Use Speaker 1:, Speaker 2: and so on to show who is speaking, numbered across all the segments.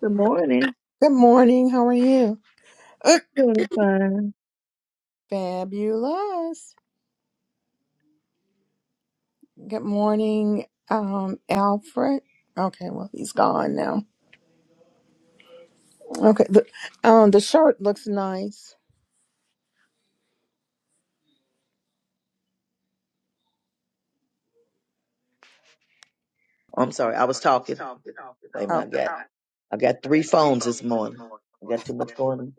Speaker 1: Good morning.
Speaker 2: Good morning. How are you? Uh,
Speaker 1: Doing fine.
Speaker 2: fabulous. Good morning, um, Alfred. Okay, well he's gone now. Okay, the um the shirt looks nice.
Speaker 1: I'm sorry, I was talking. Wait a
Speaker 2: Oh,
Speaker 1: minute, I got I got three phones this morning. I got too much going on.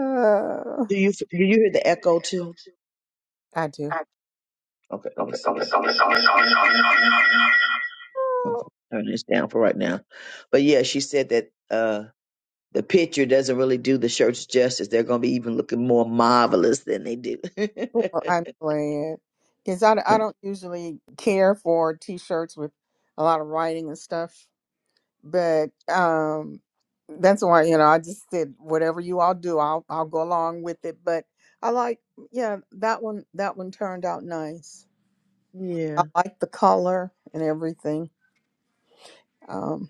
Speaker 2: uh,
Speaker 1: Do you do you hear the echo too?
Speaker 2: I do.
Speaker 1: Okay, let me see. Okay, turn this down for right now. But yeah, she said that uh the picture doesn't really do the shirts justice. They're gonna be even looking more marvelous than they do.
Speaker 2: Well, I'm glad because I, I don't usually care for t-shirts with a lot of writing and stuff, but um that's why you know I just said whatever you all do, I'll I'll go along with it. But I like yeah that one that one turned out nice. I
Speaker 1: yeah.
Speaker 2: like the color and everything. Um,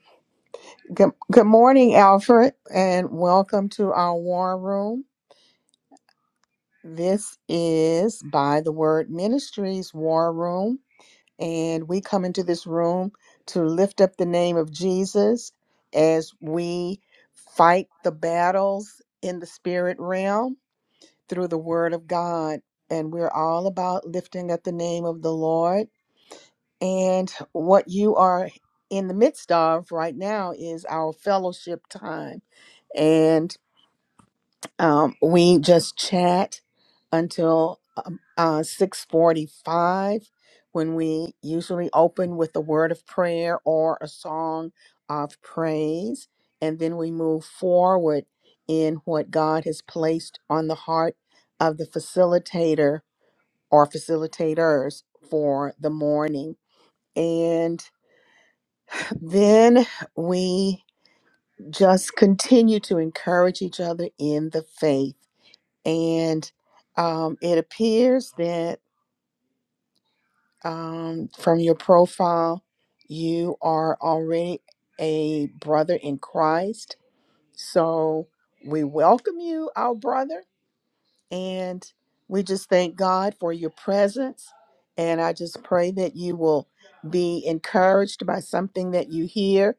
Speaker 2: good, good morning, Alfred, and welcome to our war room. This is by the Word Ministries War Room, and we come into this room to lift up the name of Jesus as we fight the battles in the spirit realm through the Word of God. And we're all about lifting up the name of the Lord And what you are in the midst of right now is our fellowship time. And um, we just chat until um, uh, 645 when we usually open with a word of prayer or a song of praise. And then we move forward in what God has placed on the heart of the facilitator or facilitators for the morning. and. Then we just continue to encourage each other in the faith. And um, it appears that um, from your profile, you are already a brother in Christ. So we welcome you, our brother, and we just thank God for your presence. And I just pray that you will be encouraged by something that you hear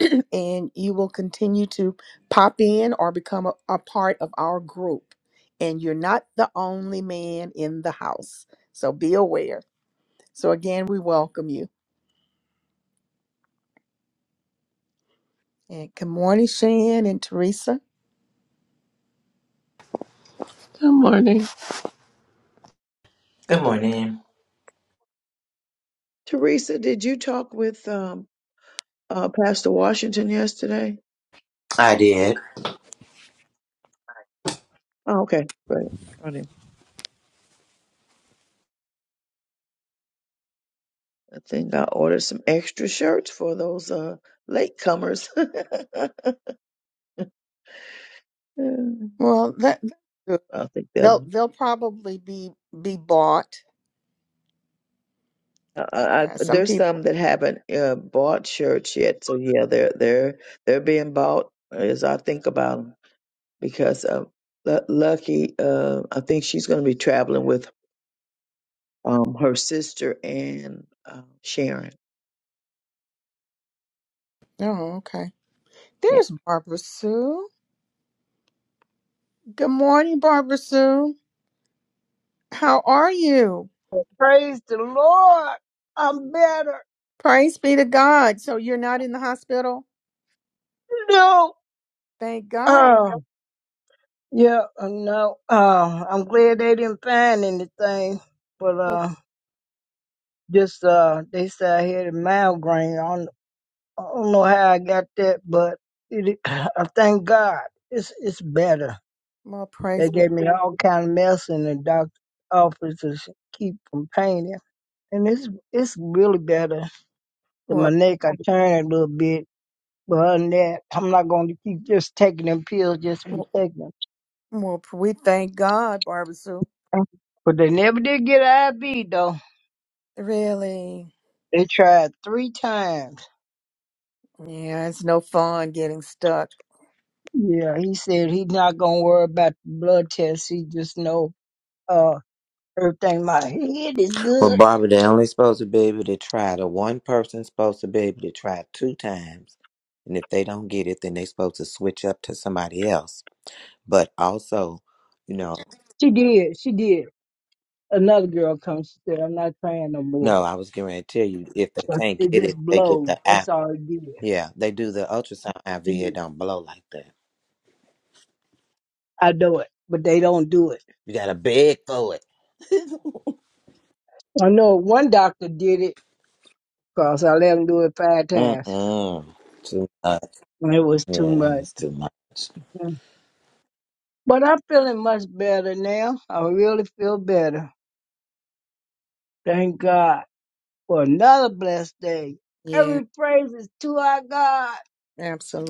Speaker 2: and you will continue to pop in or become a, a part of our group. And you're not the only man in the house. So be aware. So again, we welcome you. And good morning, Shan and Teresa.
Speaker 3: Good morning.
Speaker 4: Good morning.
Speaker 1: Teresa, did you talk with um uh Pastor Washington yesterday?
Speaker 4: I did.
Speaker 1: Oh, okay, great. I think I ordered some extra shirts for those uh latecomers.
Speaker 2: Well, that that's good.
Speaker 1: I think
Speaker 2: they'll
Speaker 1: they'll.
Speaker 2: they'll probably be be bought.
Speaker 1: I, I, I-
Speaker 2: Yeah, some
Speaker 1: there's
Speaker 2: people.
Speaker 1: some that haven't uh, bought shirts yet, so yeah, they're they're they're being bought as I think about them because uh, Lu- Lucky, uh, I think she's going to be traveling with um her sister and uh, Sharon.
Speaker 2: Oh, okay. There's Barbara Sue. Good morning, Barbara Sue. How are you?
Speaker 5: Praise the Lord. I'm better.
Speaker 2: Praise be to God. So you're not in the hospital?
Speaker 5: No.
Speaker 2: Thank God.
Speaker 5: Oh, yeah, uh, no. Uh, I'm glad they didn't find anything. But uh, just uh, they said I had a migraine. I don't, I don't know how I got that, but it, I thank God it's it's better.
Speaker 2: More
Speaker 5: They
Speaker 2: praise be.
Speaker 5: gave me all kind of medicine in the doctor's office to s- keep from pain, and it's it's really better. To my
Speaker 2: Well,
Speaker 5: neck, I turn a little bit, But other than that, I'm not going to keep just taking them pills just to be
Speaker 2: well,
Speaker 5: taking
Speaker 2: well, we thank God, Barbara Sue.
Speaker 5: them. But they never did get an IV though.
Speaker 2: Really?
Speaker 5: They tried three times.
Speaker 2: Yeah, it's no fun getting stuck.
Speaker 5: Yeah, he said he's not going to worry about the blood test. He just know uh everything my head is
Speaker 4: Well,
Speaker 5: good.
Speaker 4: Barbara, they only supposed to be able to try the one person's supposed to be able to try two times, and if they don't get it, then they supposed to switch up to somebody else. But also, you know,
Speaker 5: She did. She did. Another girl comes. She said, "I'm not trying no more.
Speaker 4: no, I was going to tell you if they
Speaker 5: But
Speaker 4: can't
Speaker 5: It
Speaker 4: get
Speaker 5: just
Speaker 4: it, they get
Speaker 5: blows.
Speaker 4: the
Speaker 5: That's
Speaker 4: app.
Speaker 5: all it did."
Speaker 4: Yeah, they do the ultrasound IV. It
Speaker 5: Mhm.
Speaker 4: don't blow like that.
Speaker 5: I know it, but they don't do it.
Speaker 4: You gotta beg for it.
Speaker 5: I know one doctor did it because I let him do it five
Speaker 4: Mm
Speaker 5: times.
Speaker 4: mm. Too much.
Speaker 5: And It was too
Speaker 4: Yeah,
Speaker 5: much.
Speaker 4: it's too much.
Speaker 5: Mm. But I'm feeling much better now. I really feel better. Thank God for another blessed day.
Speaker 2: Yeah,
Speaker 5: Every praise is to our God.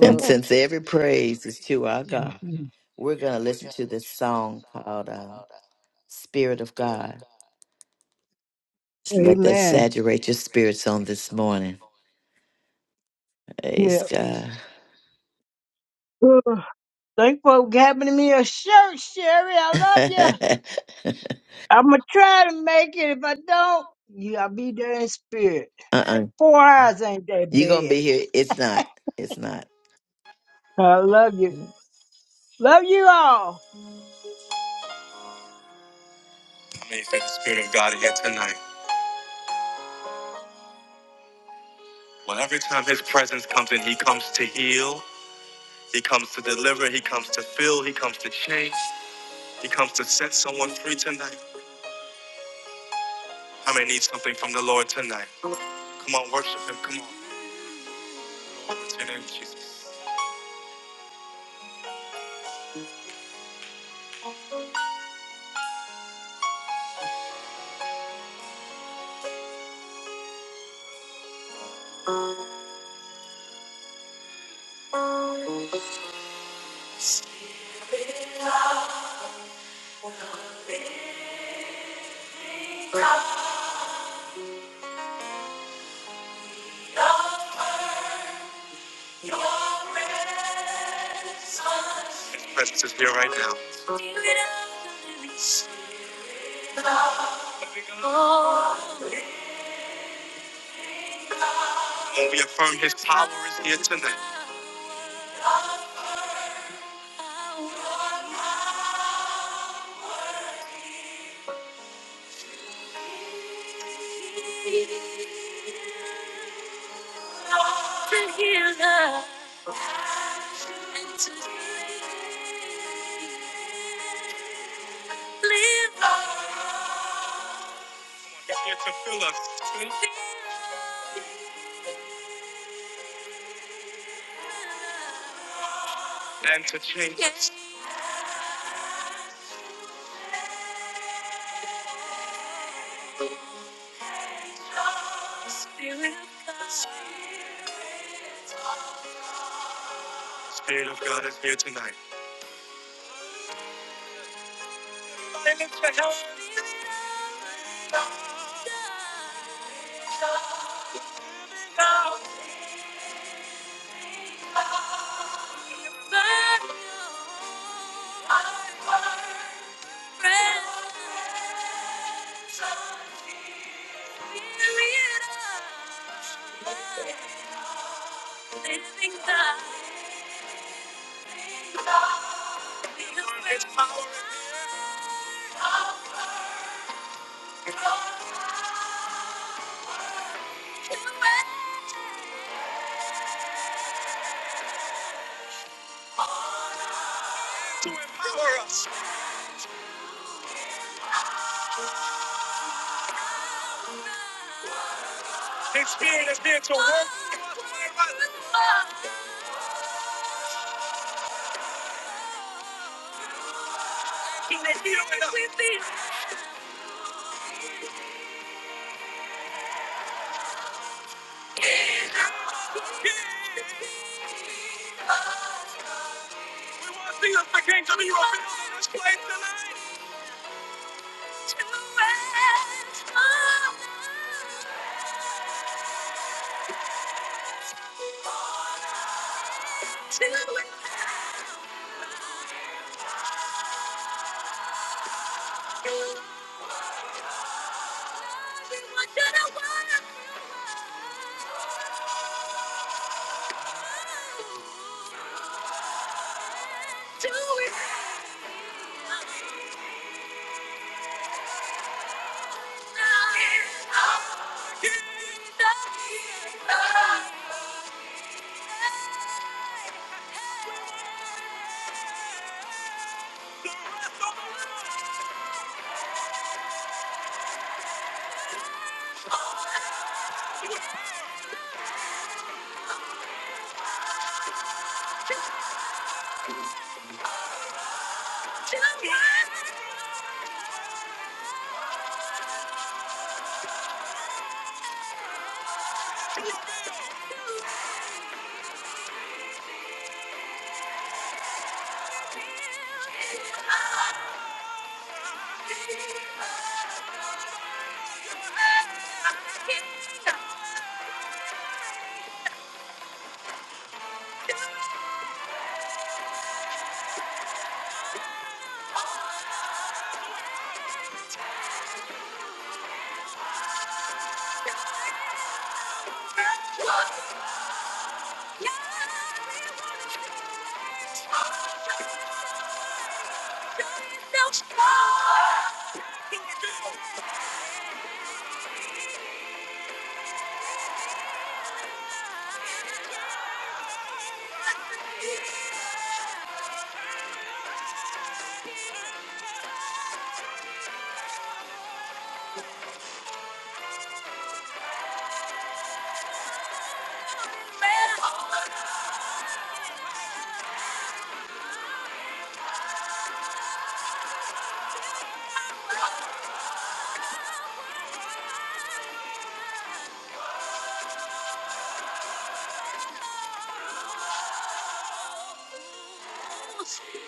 Speaker 6: And since every praise is to our God,
Speaker 5: Mhm.
Speaker 6: we're going to listen to this song called uh, Spirit of God. Just let that
Speaker 5: Amen.
Speaker 6: saturate your spirits on this morning. Praise
Speaker 5: Yeah.
Speaker 6: God.
Speaker 5: Ugh. Thank you for having me a shirt, Sherry. I love you.
Speaker 6: uh-uh.
Speaker 5: I'm going to try to make it. If I don't, you, I'll be there in spirit. Four hours ain't that
Speaker 6: You're going to
Speaker 5: bad.
Speaker 6: be here. It's not. It's not.
Speaker 5: I love
Speaker 6: I
Speaker 5: you. Love you all.
Speaker 6: may feel the Spirit of God here tonight. Well, every time His presence comes in, He comes to heal, He comes to deliver, He comes to fill, He comes to change, He comes to set someone free tonight. I may need something from the Lord tonight. Come on, worship Him. Come on. And then Jesus, His presence is here right now. And we affirm His power is here tonight. To healer and to deliver. He's here to fill us and to change us. The Spirit of God The Spirit of God is here tonight. I lift your hands. Now, Spirit of God. Living God, there's power in to empower us. His spirit is there to work. we us be open up. Yeah. We want to see us begin to be open in this place tonight. To Just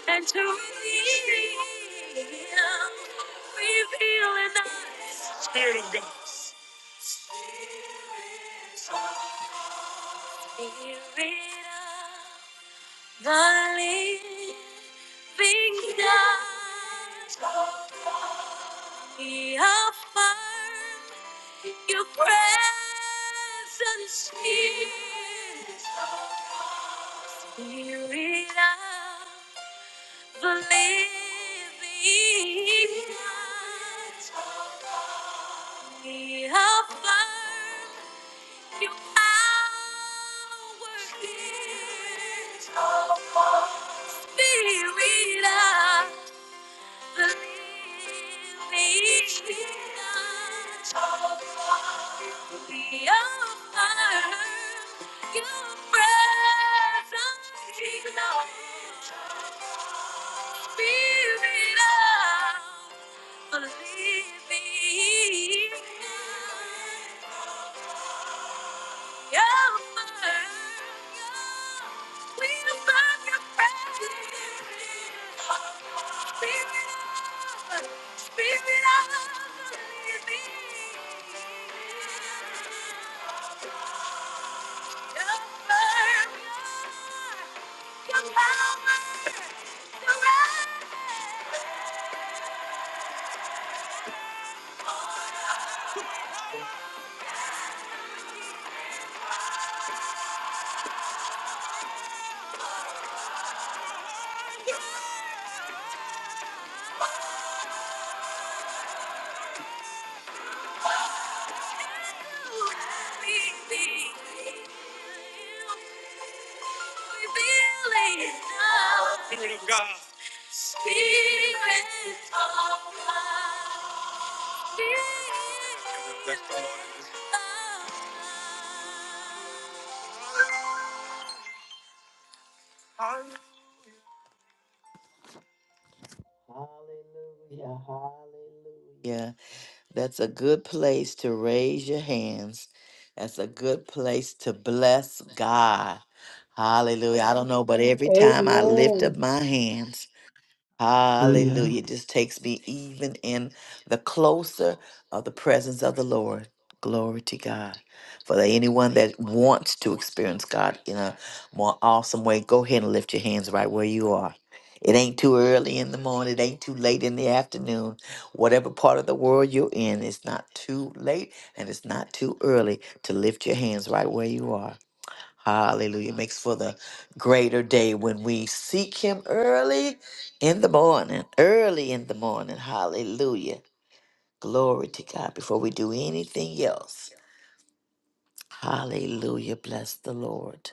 Speaker 6: And to me, revealing us. Spirit of God. Spirit of God. The living God, He affirmed Your presence here. Spirit of the living God, He affirmed you are worthy. of all. Spirit of the living God. We offer your presence, Lord. Spirit of the living God. Yeah. Spirit of God. Spirit of God. That's the Lord. Hallelujah. Hallelujah. That's a good place to raise your hands. That's a good place to bless God. Hallelujah. I don't know, but every time I lift up
Speaker 5: Amen.
Speaker 6: my hands, Hallelujah. It just takes me even in the closer of the presence of the Lord. Glory to God. For anyone that wants to experience God in a more awesome way, go ahead and lift your hands right where you are. It ain't too early in the morning. It ain't too late in the afternoon. Whatever part of the world you're in, it's not too late and it's not too early to lift your hands right where you are. Hallelujah. Makes for the greater day when we seek him early in the morning. Early in the morning. Hallelujah. Glory to God before we do anything else. Hallelujah. Bless the Lord.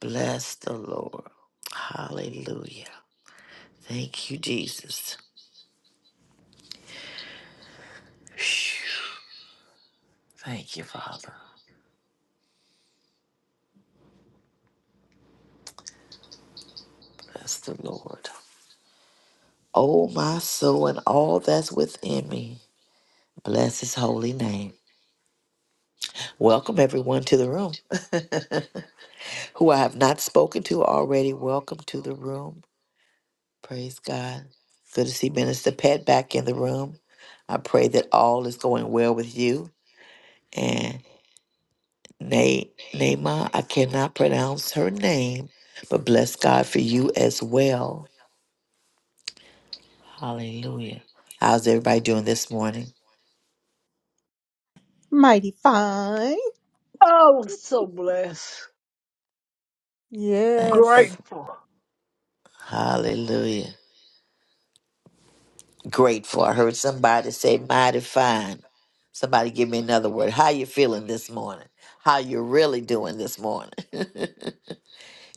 Speaker 6: Bless the Lord. Hallelujah. Thank you, Jesus. Phew. Thank you, Father. Bless the Lord. Oh, my soul and all that's within me. Bless his holy name. Welcome, everyone, to the room. who I have not spoken to already, welcome to the room. Praise God. Good to see Minister Pat back in the room. I pray that all is going well with you. And Na- Naima, I cannot pronounce her name, but bless God for you as well. Hallelujah. How's everybody doing this morning?
Speaker 2: Mighty fine.
Speaker 5: Oh, so blessed.
Speaker 6: Thank you.
Speaker 2: Yes.
Speaker 5: Grateful.
Speaker 6: Hallelujah. grateful. I heard somebody say mighty fine. Somebody give me another word. How you feeling this morning? How you really doing this morning?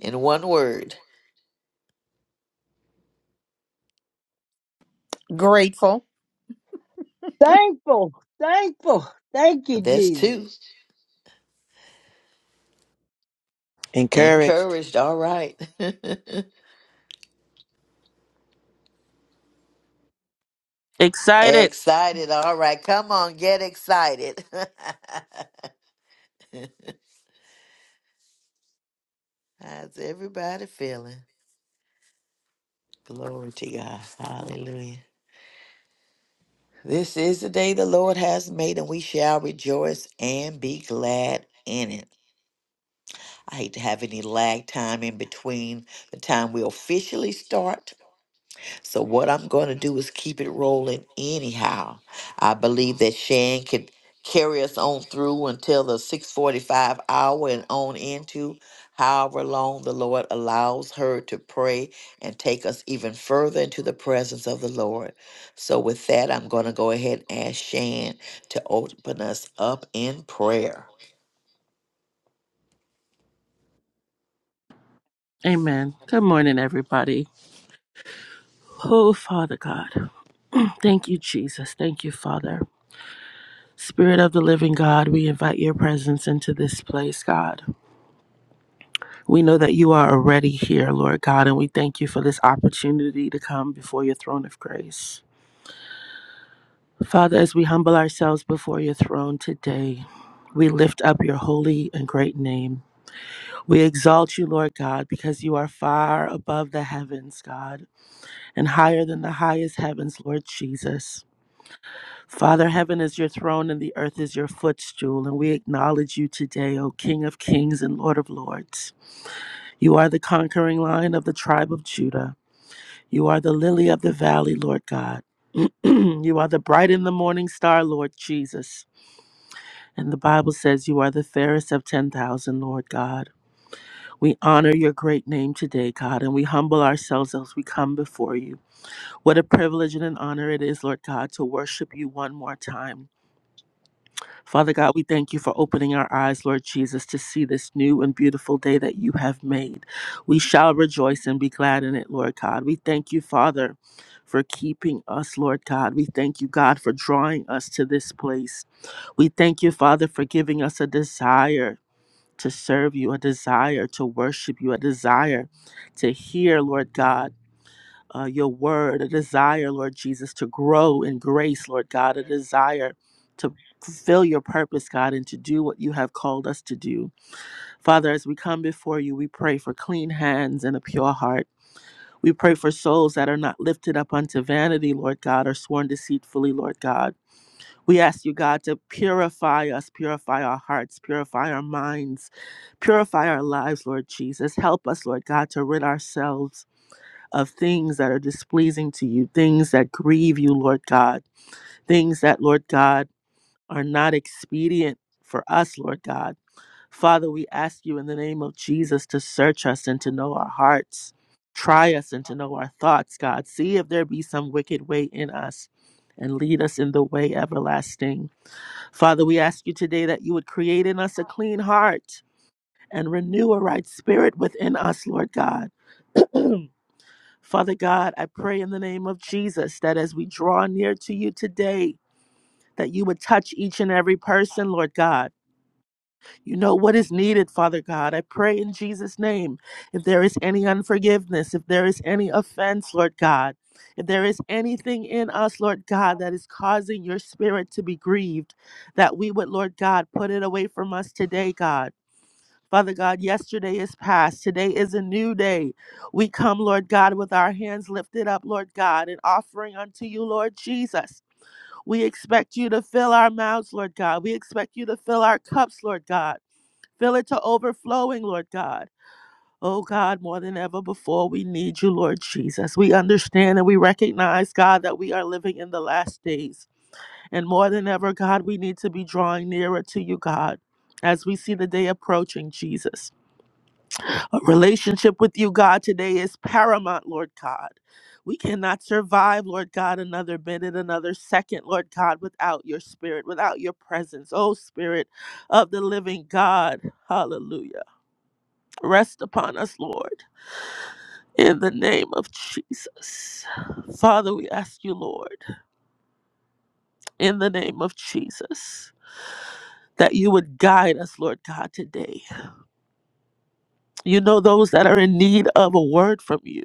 Speaker 6: In one word.
Speaker 2: Grateful.
Speaker 5: Thankful, thankful. Thank you,
Speaker 6: That's
Speaker 5: Jesus.
Speaker 6: two.
Speaker 4: Encouraged.
Speaker 6: Encouraged, all right.
Speaker 3: Excited.
Speaker 6: excited, all right. Come on, get excited. How's everybody feeling? Glory to God. Hallelujah. This is the day the Lord has made, and we shall rejoice and be glad in it. I hate to have any lag time in between the time we officially start. So, what I'm going to do is keep it rolling anyhow. I believe that Shan could carry us on through until the 645 hour and on into however long the Lord allows her to pray and take us even further into the presence of the Lord. So, with that, I'm going to go ahead and ask Shan to open us up in prayer.
Speaker 3: Amen. Good morning, everybody. Oh, Father God. Thank you, Jesus. Thank you, Father. Spirit of the living God, we invite your presence into this place, God. We know that you are already here, Lord God, and we thank you for this opportunity to come before your throne of grace. Father, as we humble ourselves before your throne today, we lift up your holy and great name. We exalt you, Lord God, because you are far above the heavens, God. and higher than the highest heavens, Lord Jesus. Father, heaven is your throne and the earth is your footstool, and we acknowledge you today, O King of kings and Lord of lords. You are the conquering lion of the tribe of Judah. You are the lily of the valley, Lord God. you are the bright in the morning star, Lord Jesus. And the Bible says you are the fairest of 10,000, Lord God. We honor your great name today, God, and we humble ourselves as we come before you. What a privilege and an honor it is, Lord God, to worship you one more time. Father God, we thank you for opening our eyes, Lord Jesus, to see this new and beautiful day that you have made. We shall rejoice and be glad in it, Lord God. We thank you, Father, for keeping us, Lord God. We thank you, God, for drawing us to this place. We thank you, Father, for giving us a desire. To serve you, a desire to worship you, a desire to hear, Lord God uh, your word, a desire, Lord Jesus, to grow in grace, Lord God, a desire to fulfill your purpose, God, and to do what you have called us to do. Father, as we come before you, we pray for clean hands and a pure heart. We pray for souls that are not lifted up unto vanity, Lord God, or sworn deceitfully, Lord God. We ask you, God, to purify us, purify our hearts, purify our minds, purify our lives, Lord Jesus. Help us, Lord God, to rid ourselves of things that are displeasing to you, things that grieve you, Lord God, things that, Lord God, are not expedient for us, Lord God. Father, we ask you in the name of Jesus to search us and to know our hearts. Try us and to know our thoughts, God. See if there be some wicked way in us and lead us in the way everlasting. Father, we ask you today that you would create in us a clean heart and renew a right spirit within us, Lord God. Father God, I pray in the name of Jesus that as we draw near to you today, that you would touch each and every person, Lord God. You know what is needed, Father God. I pray in Jesus' name. If there is any unforgiveness, if there is any offense, Lord God, if there is anything in us, Lord God, that is causing your spirit to be grieved, that we would, Lord God, put it away from us today, God. Father God, yesterday is past. Today is a new day. We come, Lord God, with our hands lifted up, Lord God, and offering unto you, Lord Jesus. We expect you to fill our mouths, Lord God. We expect you to fill our cups, Lord God. Fill it to overflowing, Lord God. Oh God, more than ever before, we need you, Lord Jesus. We understand and we recognize, God, that we are living in the last days. And more than ever, God, we need to be drawing nearer to you, God, as we see the day approaching, Jesus. A relationship with you, God, today is paramount, Lord God. We cannot survive, Lord God, another minute, another second, Lord God, without your spirit, without your presence. Oh, Spirit of the living God, hallelujah. Rest upon us, Lord, in the name of Jesus. Father, we ask you, Lord, in the name of Jesus, that you would guide us, Lord God, today. You know those that are in need of a word from you.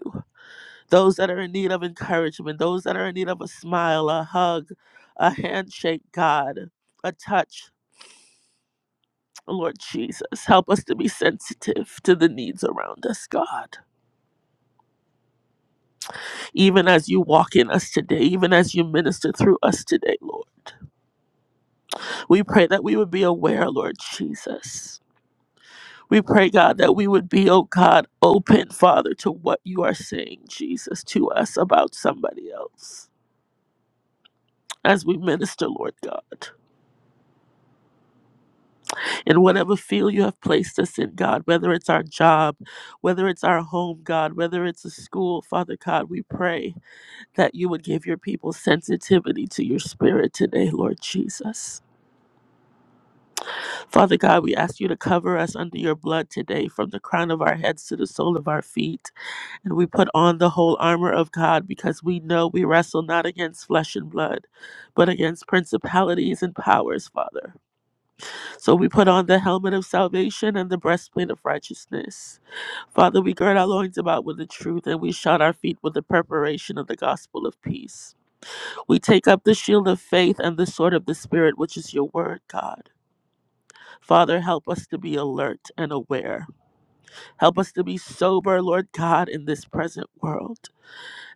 Speaker 3: those that are in need of encouragement, those that are in need of a smile, a hug, a handshake, God, a touch. Lord Jesus, help us to be sensitive to the needs around us, God. Even as you walk in us today, even as you minister through us today, Lord. We pray that we would be aware, Lord Jesus. We pray, God, that we would be, oh God, open, Father, to what you are saying, Jesus, to us about somebody else as we minister, Lord God. in whatever field you have placed us in, God, whether it's our job, whether it's our home, God, whether it's a school, Father God, we pray that you would give your people sensitivity to your spirit today, Lord Jesus. Father God, we ask you to cover us under your blood today from the crown of our heads to the sole of our feet. And we put on the whole armor of God because we know we wrestle not against flesh and blood, but against principalities and powers, Father. So we put on the helmet of salvation and the breastplate of righteousness. Father, we gird our loins about with the truth, and we shod our feet with the preparation of the gospel of peace. We take up the shield of faith and the sword of the Spirit, which is your word, God. Father, help us to be alert and aware. Help us to be sober, Lord God, in this present world.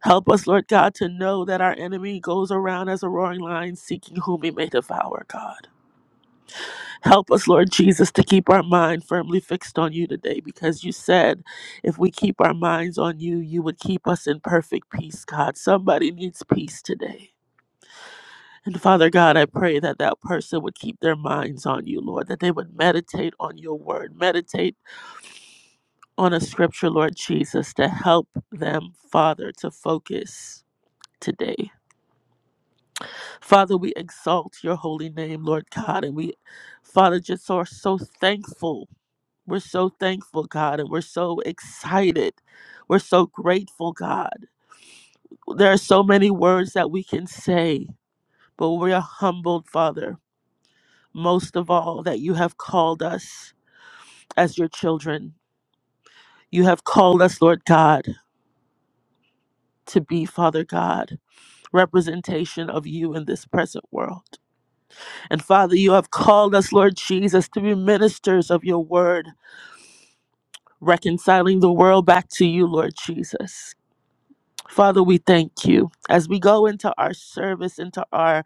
Speaker 3: Help us, Lord God, to know that our enemy goes around as a roaring lion seeking whom he may devour, God. Help us, Lord Jesus, to keep our mind firmly fixed on you today because you said if we keep our minds on you, you would keep us in perfect peace, God. Somebody needs peace today. And Father God, I pray that that person would keep their minds on you, Lord, that they would meditate on your word, meditate on a scripture, Lord Jesus, to help them, Father, to focus today. Father, we exalt your holy name, Lord God, and we, Father, just are so thankful We're so thankful, God, and we're so excited. We're so grateful, God. There are so many words that we can say, but we are humbled, Father, most of all, that you have called us as your children. You have called us, Lord God, to be, Father God, representation of you in this present world. And Father, you have called us, Lord Jesus, to be ministers of your word, reconciling the world back to you, Lord Jesus. Father, we thank you as we go into our service, into our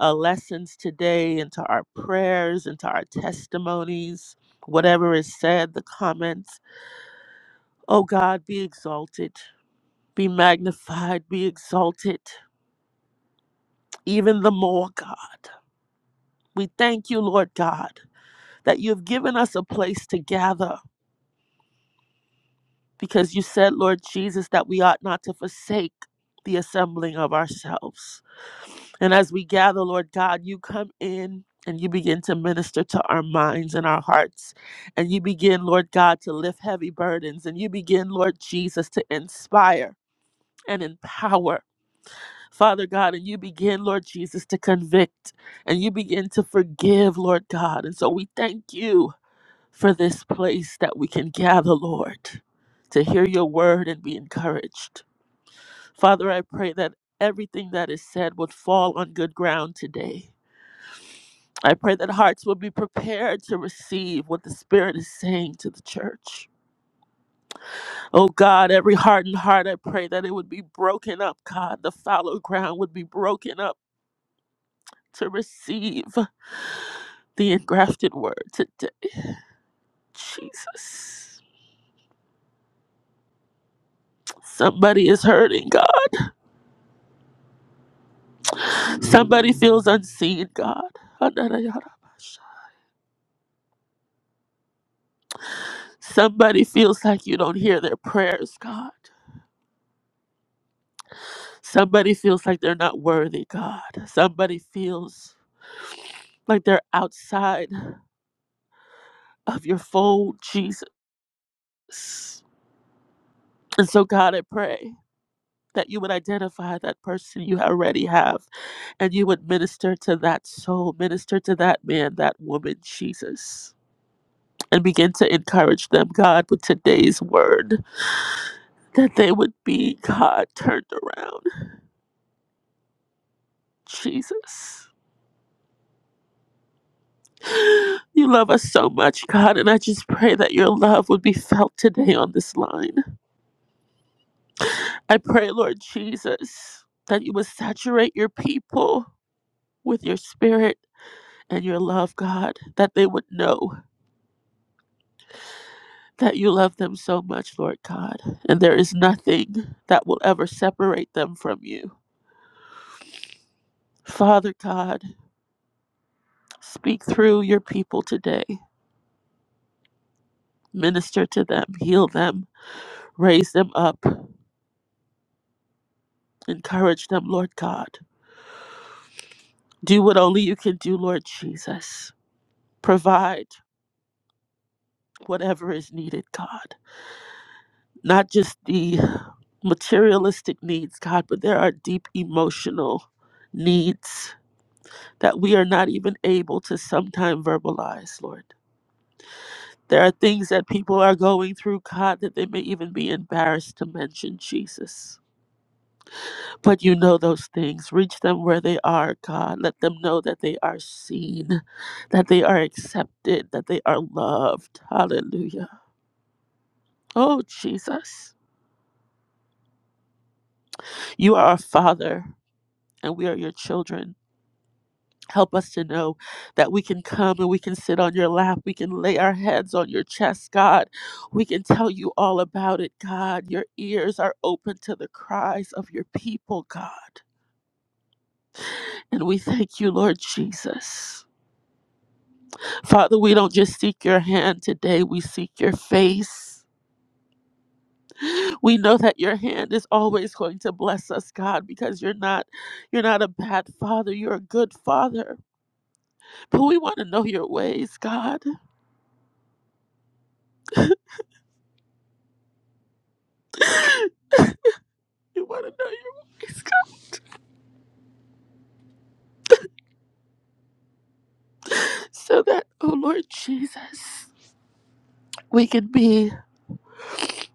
Speaker 3: uh, lessons today, into our prayers, into our testimonies, whatever is said, the comments. Oh God, be exalted, be magnified, be exalted, even the more, God. We thank you, Lord God, that you've given us a place to gather because you said, Lord Jesus, that we ought not to forsake the assembling of ourselves. And as we gather, Lord God, you come in and you begin to minister to our minds and our hearts. And you begin, Lord God, to lift heavy burdens. And you begin, Lord Jesus, to inspire and empower, Father God. And you begin, Lord Jesus, to convict. And you begin to forgive, Lord God. And so we thank you for this place that we can gather, Lord, to hear your word and be encouraged. Father, I pray that everything that is said would fall on good ground today. I pray that hearts will be prepared to receive what the Spirit is saying to the church. Oh God, every hardened heart, I pray that it would be broken up, God. The fallow ground would be broken up to receive the engrafted word today. Jesus. Somebody is hurting, Somebody feels unseen, God. Somebody feels like you don't hear their prayers, God. Somebody feels like they're not worthy, God. Somebody feels like they're outside of your fold, Jesus. And so, God, I pray that you would identify that person you already have and you would minister to that soul, minister to that man, that woman, Jesus, and begin to encourage them, God, with today's word. that they would be God turned around. Jesus. You love us so much, God, and I just pray that your love would be felt today on this line. I pray, Lord Jesus, that you would saturate your people with your spirit and your love, God, that they would know that you love them so much, Lord God, and there is nothing that will ever separate them from you. Father God, speak through your people today. Minister to them, heal them, Raise them up. Encourage them, Lord God. Do what only you can do, Lord Jesus. Provide whatever is needed, God. Not just the materialistic needs, God, but there are deep emotional needs that we are not even able to sometimes verbalize, Lord. There are things that people are going through, God, that they may even be embarrassed to mention, Jesus. But you know those things. Reach them where they are, God. Let them know that they are seen, that they are accepted, that they are loved. Hallelujah. Oh, Jesus. You are our Father, and we are your children. Help us to know that we can come and we can sit on your lap. We can lay our heads on your chest, God. We can tell you all about it, God. Your ears are open to the cries of your people, God. And we thank you, Lord Jesus. Father, we don't just seek your hand today, we seek your face. We know that your hand is always going to bless us, God, because you're not you're not a bad father, you're a good father. But we want to know your ways, God. we want to know your ways, God, so that oh Lord Jesus, we can be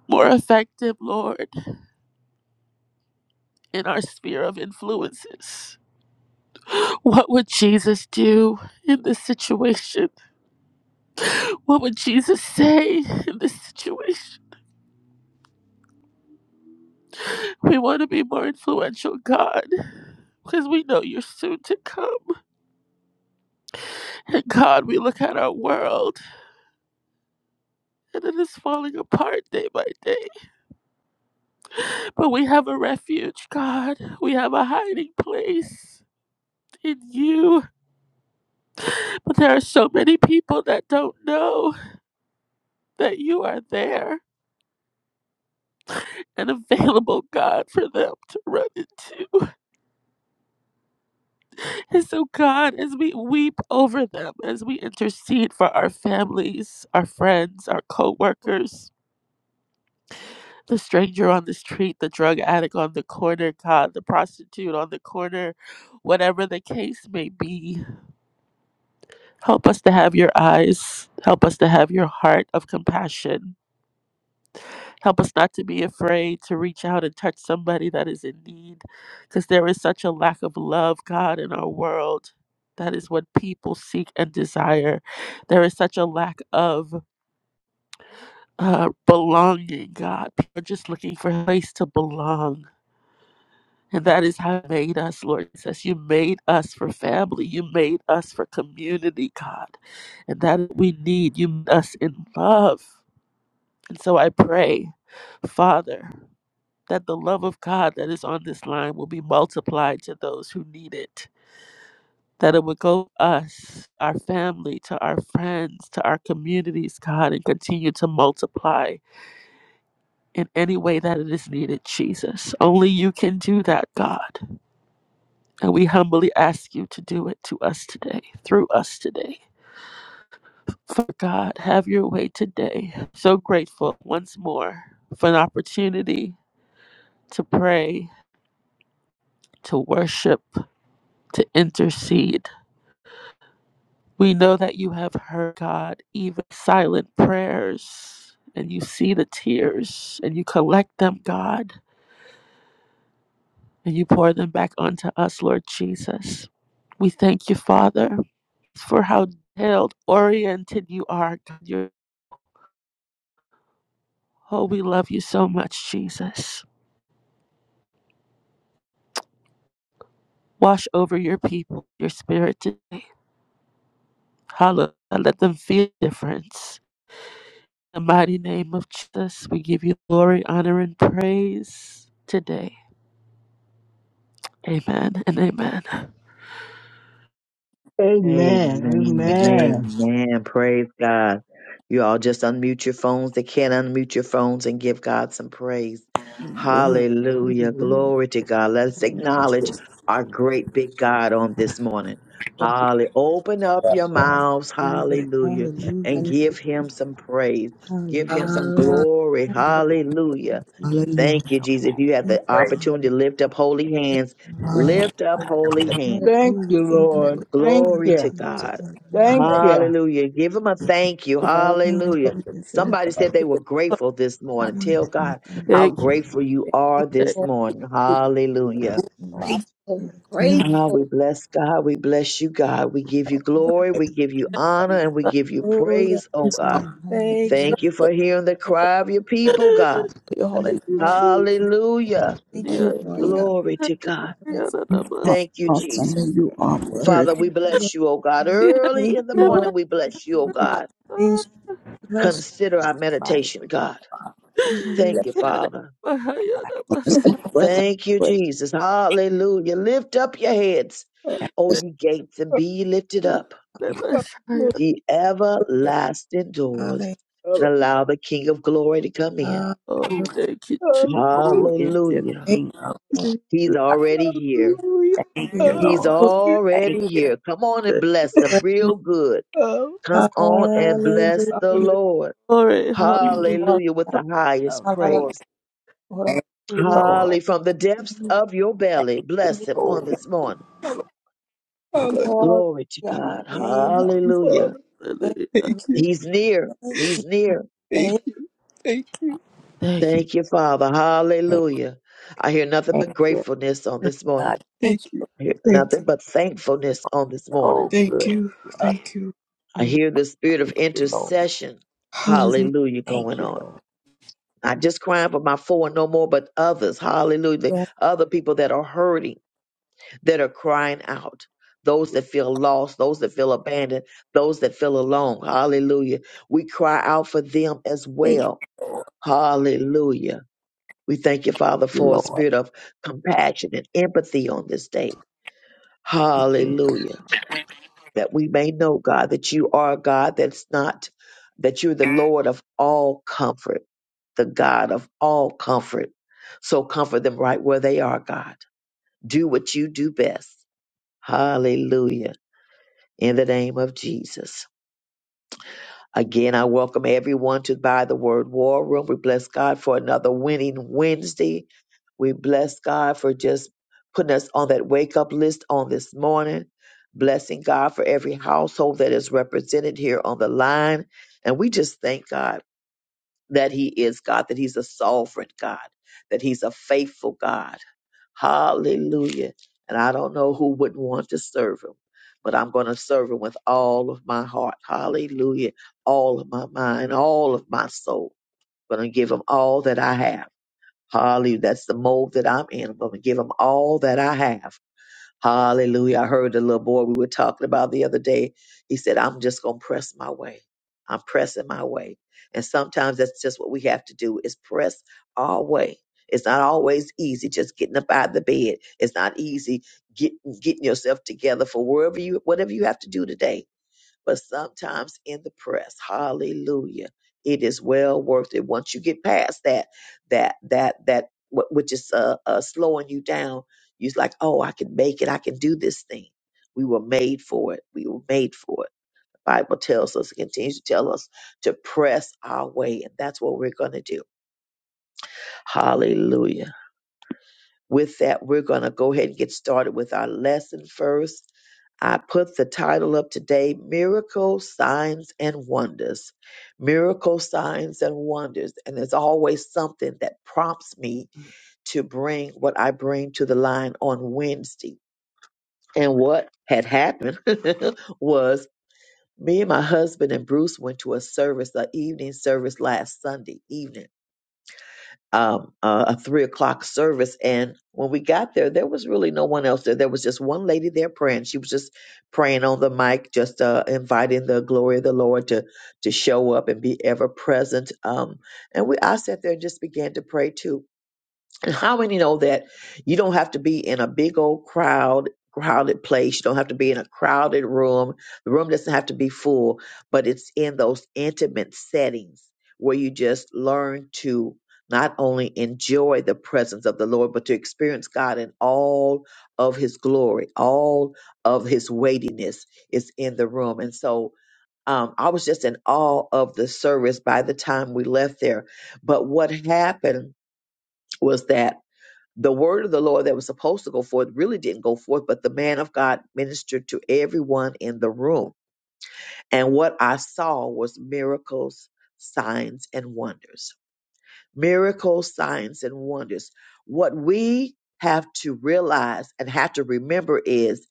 Speaker 3: more effective, Lord, in our sphere of influences. What would Jesus do in this situation? What would Jesus say in this situation? We want to be more influential, God, because we know you're soon to come. And God, we look at our world and it is falling apart day by day. But we have a refuge, God. We have a hiding place in you. But there are so many people that don't know that you are there and available, God, for them to run into. And so, God, as we weep over them, as we intercede for our families, our friends, our co workers, the stranger on the street, the drug addict on the corner, God, the prostitute on the corner, whatever the case may be, help us to have your eyes, help us to have your heart of compassion Help us not to be afraid to reach out and touch somebody that is in need because there is such a lack of love, God, in our world. That is what people seek and desire. There is such a lack of uh, belonging, God. People are just looking for a place to belong. And that is how you made us, Lord Jesus. You made us for family. You made us for community, God. And that we need. You made us in love. And so I pray, Father. that the love of God that is on this line will be multiplied to those who need it. That it would go to us, our family, to our friends, to our communities, God, and continue to multiply in any way that it is needed, Jesus. Only you can do that, God. And we humbly ask you to do it to us today, through us today. For God, have your way today. So grateful once more for an opportunity to pray, to worship, to intercede We know that you have heard, God, even silent prayers, and you see the tears, and you collect them, God, and you pour them back onto us, Lord Jesus. We thank you, Father, for how detailed oriented you are. God. You're, oh, we love you so much, Jesus. Wash over your people, your spirit today. Hallelujah. Let them feel the difference. In the mighty name of Jesus, we give you glory, honor, and praise today. Amen and amen.
Speaker 5: Amen.
Speaker 1: Amen.
Speaker 2: We-
Speaker 5: Amen.
Speaker 1: Amen.
Speaker 7: and
Speaker 1: Praise God. You all just unmute your phones. They can't unmute your phones and give God some praise.
Speaker 8: Amen.
Speaker 1: Hallelujah.
Speaker 8: Hallelujah.
Speaker 1: Glory to God. Let's
Speaker 8: Hallelujah.
Speaker 1: acknowledge our great big God on this morning. Hallelujah. Open up your mouths. Hallelujah. And
Speaker 8: Hallelujah. Thank
Speaker 1: give
Speaker 8: you.
Speaker 1: him some praise. Give him
Speaker 8: Hallelujah.
Speaker 1: some glory.
Speaker 8: Hallelujah.
Speaker 1: Hallelujah.
Speaker 8: Thank you.
Speaker 9: Hallelujah.
Speaker 1: Thank you, Jesus. If you have the
Speaker 8: Thank you. Hallelujah.
Speaker 1: opportunity to lift up holy hands,
Speaker 9: Hallelujah.
Speaker 1: lift up holy hands.
Speaker 5: Thank
Speaker 8: Hallelujah.
Speaker 5: you,
Speaker 8: Thank you,
Speaker 5: Lord.
Speaker 8: Lord.
Speaker 5: Thank
Speaker 8: Thank
Speaker 1: Glory to
Speaker 5: you.
Speaker 8: you.
Speaker 1: God.
Speaker 5: Thank
Speaker 2: you,
Speaker 8: Hallelujah.
Speaker 5: you.
Speaker 1: Hallelujah. Give him a thank you.
Speaker 2: Lord.
Speaker 1: Hallelujah.
Speaker 8: Hallelujah. Thank you.
Speaker 2: Just
Speaker 1: Somebody said they were
Speaker 3: Lord,
Speaker 1: grateful this morning.
Speaker 8: Thank
Speaker 1: Tell
Speaker 8: you.
Speaker 1: God how
Speaker 3: Thank you.
Speaker 1: grateful you
Speaker 2: Thank
Speaker 1: are
Speaker 2: you,
Speaker 3: Thank
Speaker 1: this
Speaker 2: Lord.
Speaker 1: morning.
Speaker 8: Thank you.
Speaker 1: Hallelujah.
Speaker 8: This morning,
Speaker 9: Father,
Speaker 8: God,
Speaker 2: Grateful,
Speaker 8: thank you.
Speaker 9: In the
Speaker 3: you.
Speaker 9: name of
Speaker 1: Ah, we
Speaker 2: grateful.
Speaker 1: bless God. We bless you, God. We give you glory. We give you
Speaker 8: Thank
Speaker 1: honor and we give you
Speaker 2: Hallelujah.
Speaker 1: praise,
Speaker 8: you.
Speaker 1: oh
Speaker 9: Jesus, Father,
Speaker 1: God.
Speaker 8: God.
Speaker 2: Thank you,
Speaker 1: Thank
Speaker 8: Hallelujah.
Speaker 1: you for hearing the
Speaker 2: thank you,
Speaker 1: cry of your
Speaker 2: Lord.
Speaker 1: people, God.
Speaker 9: for your holy
Speaker 8: Thank
Speaker 9: name.
Speaker 3: Thank you,
Speaker 8: you.
Speaker 2: Hallelujah.
Speaker 3: Jesus.
Speaker 1: Hallelujah.
Speaker 8: Thank
Speaker 2: Thank
Speaker 8: you for
Speaker 3: Yeah,
Speaker 2: you, Lord
Speaker 8: coming.
Speaker 9: Hallelujah.
Speaker 3: I'm a-
Speaker 2: God.
Speaker 8: on.
Speaker 1: Glory
Speaker 3: yeah,
Speaker 1: to
Speaker 3: yeah,
Speaker 1: God.
Speaker 3: I'm a- yeah,
Speaker 2: Bless.
Speaker 8: Thank
Speaker 3: I'm a-
Speaker 9: How
Speaker 1: Thank you,
Speaker 8: you.
Speaker 9: Awesome. that
Speaker 1: Jesus.
Speaker 9: You are
Speaker 1: Father,
Speaker 9: worthy.
Speaker 1: we
Speaker 2: Thank you, Lord.
Speaker 1: bless you, oh God.
Speaker 3: yeah,
Speaker 1: Early
Speaker 2: Thank
Speaker 1: in the
Speaker 2: you,
Speaker 3: I'm a- yeah, I'm
Speaker 2: Lord.
Speaker 1: morning,
Speaker 3: a-
Speaker 1: we bless you, oh God.
Speaker 9: Father,
Speaker 2: Please bless. you.
Speaker 1: Consider our
Speaker 7: body,
Speaker 1: meditation,
Speaker 7: but
Speaker 1: God. Thank you,
Speaker 9: bless
Speaker 3: yeah,
Speaker 1: Father.
Speaker 9: us. Have breath of
Speaker 1: Thank you, Jesus. Hallelujah. Lift up your heads, O
Speaker 9: praise.
Speaker 1: you gates, and be ye lifted up,
Speaker 7: you
Speaker 3: I'm
Speaker 7: know,
Speaker 3: a- yeah,
Speaker 1: ye
Speaker 7: the
Speaker 1: everlasting doors,
Speaker 2: Hallelujah.
Speaker 1: and
Speaker 8: Hallelujah.
Speaker 1: allow the King of glory to come in.
Speaker 3: Lord,
Speaker 7: who,
Speaker 3: Thank you, Jesus.
Speaker 8: Hallelujah.
Speaker 7: who is the
Speaker 1: Hallelujah.
Speaker 2: Thank
Speaker 7: King of
Speaker 2: you, Lord.
Speaker 1: He's
Speaker 7: I
Speaker 1: already here.
Speaker 2: Thank
Speaker 7: thank
Speaker 2: you,
Speaker 7: you,
Speaker 2: Lord.
Speaker 1: He's
Speaker 7: Lord.
Speaker 3: Lord,
Speaker 7: Thank
Speaker 1: already
Speaker 7: you,
Speaker 1: here. Come on and
Speaker 3: thank
Speaker 1: bless him
Speaker 2: Praise.
Speaker 1: real good.
Speaker 8: Hallelujah.
Speaker 3: you.
Speaker 1: Come on and bless
Speaker 2: Hallelujah.
Speaker 1: the
Speaker 8: Hallelujah.
Speaker 2: Lord
Speaker 1: Lord.
Speaker 3: Sorry,
Speaker 7: King
Speaker 3: hallelujah,
Speaker 1: Hallelujah with
Speaker 2: God.
Speaker 1: the highest
Speaker 7: of
Speaker 2: Hallelujah.
Speaker 7: glory.
Speaker 1: praise.
Speaker 2: Lord.
Speaker 7: Thank you,
Speaker 3: Lord.
Speaker 7: Lord.
Speaker 1: Holly, from the depths of your
Speaker 7: Thank
Speaker 1: belly,
Speaker 7: you,
Speaker 1: bless him on
Speaker 7: Lord.
Speaker 1: this morning.
Speaker 8: Father,
Speaker 2: Glory to
Speaker 1: Glory to
Speaker 2: your high
Speaker 1: God.
Speaker 2: name.
Speaker 8: thank
Speaker 7: So,
Speaker 8: you,
Speaker 1: Hallelujah.
Speaker 8: Father.
Speaker 2: Thank
Speaker 3: Hallelujah.
Speaker 2: you.
Speaker 8: Thank
Speaker 2: Lord.
Speaker 8: you,
Speaker 1: He's near.
Speaker 2: Thank you.
Speaker 1: He's near.
Speaker 2: Thank
Speaker 8: thank
Speaker 2: you.
Speaker 8: you, thank you,
Speaker 3: Thank you.
Speaker 1: Thank you, Father. Hallelujah. I hear nothing
Speaker 7: Thank
Speaker 1: but
Speaker 7: you,
Speaker 1: gratefulness on
Speaker 3: Jesus.
Speaker 1: this
Speaker 7: God.
Speaker 1: morning.
Speaker 2: Thank
Speaker 8: thank
Speaker 2: you.
Speaker 8: you,
Speaker 1: I hear
Speaker 8: thank
Speaker 1: nothing
Speaker 8: you,
Speaker 1: but thankfulness on this morning.
Speaker 7: So
Speaker 8: thank
Speaker 7: good
Speaker 8: you,
Speaker 7: to us,
Speaker 8: thank you.
Speaker 1: I
Speaker 8: Father.
Speaker 1: hear the spirit of
Speaker 7: you, Lord.
Speaker 1: intercession.
Speaker 8: Hallelujah.
Speaker 1: Hallelujah
Speaker 7: Thank
Speaker 1: going
Speaker 7: you,
Speaker 1: on.
Speaker 7: Lord.
Speaker 1: Not just crying for my four and no more, but others. Hallelujah.
Speaker 2: Lord.
Speaker 1: Other people that are hurting. that are crying out. Those that feel lost, those that feel abandoned, those that feel alone. Hallelujah. We cry out for them as
Speaker 7: Thank you,
Speaker 1: well.
Speaker 7: Lord.
Speaker 1: Hallelujah. We thank you, Father,
Speaker 7: You,
Speaker 1: for a
Speaker 7: Lord.
Speaker 1: spirit of compassion and empathy on this day.
Speaker 7: Thank you.
Speaker 1: Hallelujah. That we may know, God, that you are a God that's not, that you're the Lord of all comfort, the God of all comfort. So comfort them right where they are, God. Do what you do best. Hallelujah. in the name of Jesus. Again, I welcome everyone to Buy the Word War Room. We bless God for another winning Wednesday. We bless God for just putting us on that wake up list on this morning. Blessing God for every household that is represented here on the line. And we just thank God that He is God, that He's a sovereign God, that He's a faithful God. Hallelujah. And I don't know who wouldn't want to serve him, but I'm going to serve him with all of my heart. Hallelujah. All of my mind, all of my soul. I'm going to give him all that I have. Hallelujah. That's the mold that I'm in. I'm going to give him all that I have. Hallelujah. I heard the little boy we were talking about the other day. He said, I'm just going to press my way. I'm pressing my way. And sometimes that's just what we have to do is press our way. It's not always easy just getting up out of the bed. It's not easy get, getting yourself together for wherever you, whatever you have to do today but sometimes in the press. Hallelujah. It is well worth it. Once you get past that, that, that, that, wh- which is uh, uh, slowing you down, you're like, oh, I can make it. I can do this thing. We were made for it. We were made for it. The Bible tells us, it continues to tell us to press our way. And that's what we're going to do. Hallelujah. With that, we're going to go ahead and get started with our lesson first. I put the title up today Miracle Signs and Wonders. Miracle Signs and Wonders. And there's always something that prompts me to bring what I bring to the line on Wednesday. And what had happened was me and my husband and Bruce went to a service, an evening service last Sunday evening um, uh, a three o'clock service. And when we got there, there was really no one else there. There was just one lady there praying. She was just praying on the mic, just uh, inviting the glory of the Lord to to show up and be ever present. Um, and we, I sat there and just began to pray too and how many know that you don't have to be in a big old crowd, crowded place. You don't have to be in a crowded room. The room doesn't have to be full, but it's in those intimate settings where you just learn to not only enjoy the presence of the Lord, but to experience God in all of his glory, all of his weightiness is in the room. And so um, I was just in awe of the service by the time we left there. But what happened was that the word of the Lord that was supposed to go forth really didn't go forth, but the man of God ministered to everyone in the room. And what I saw was miracles, signs, and wonders. Miracles, signs, and wonders. What we have to realize and have to remember is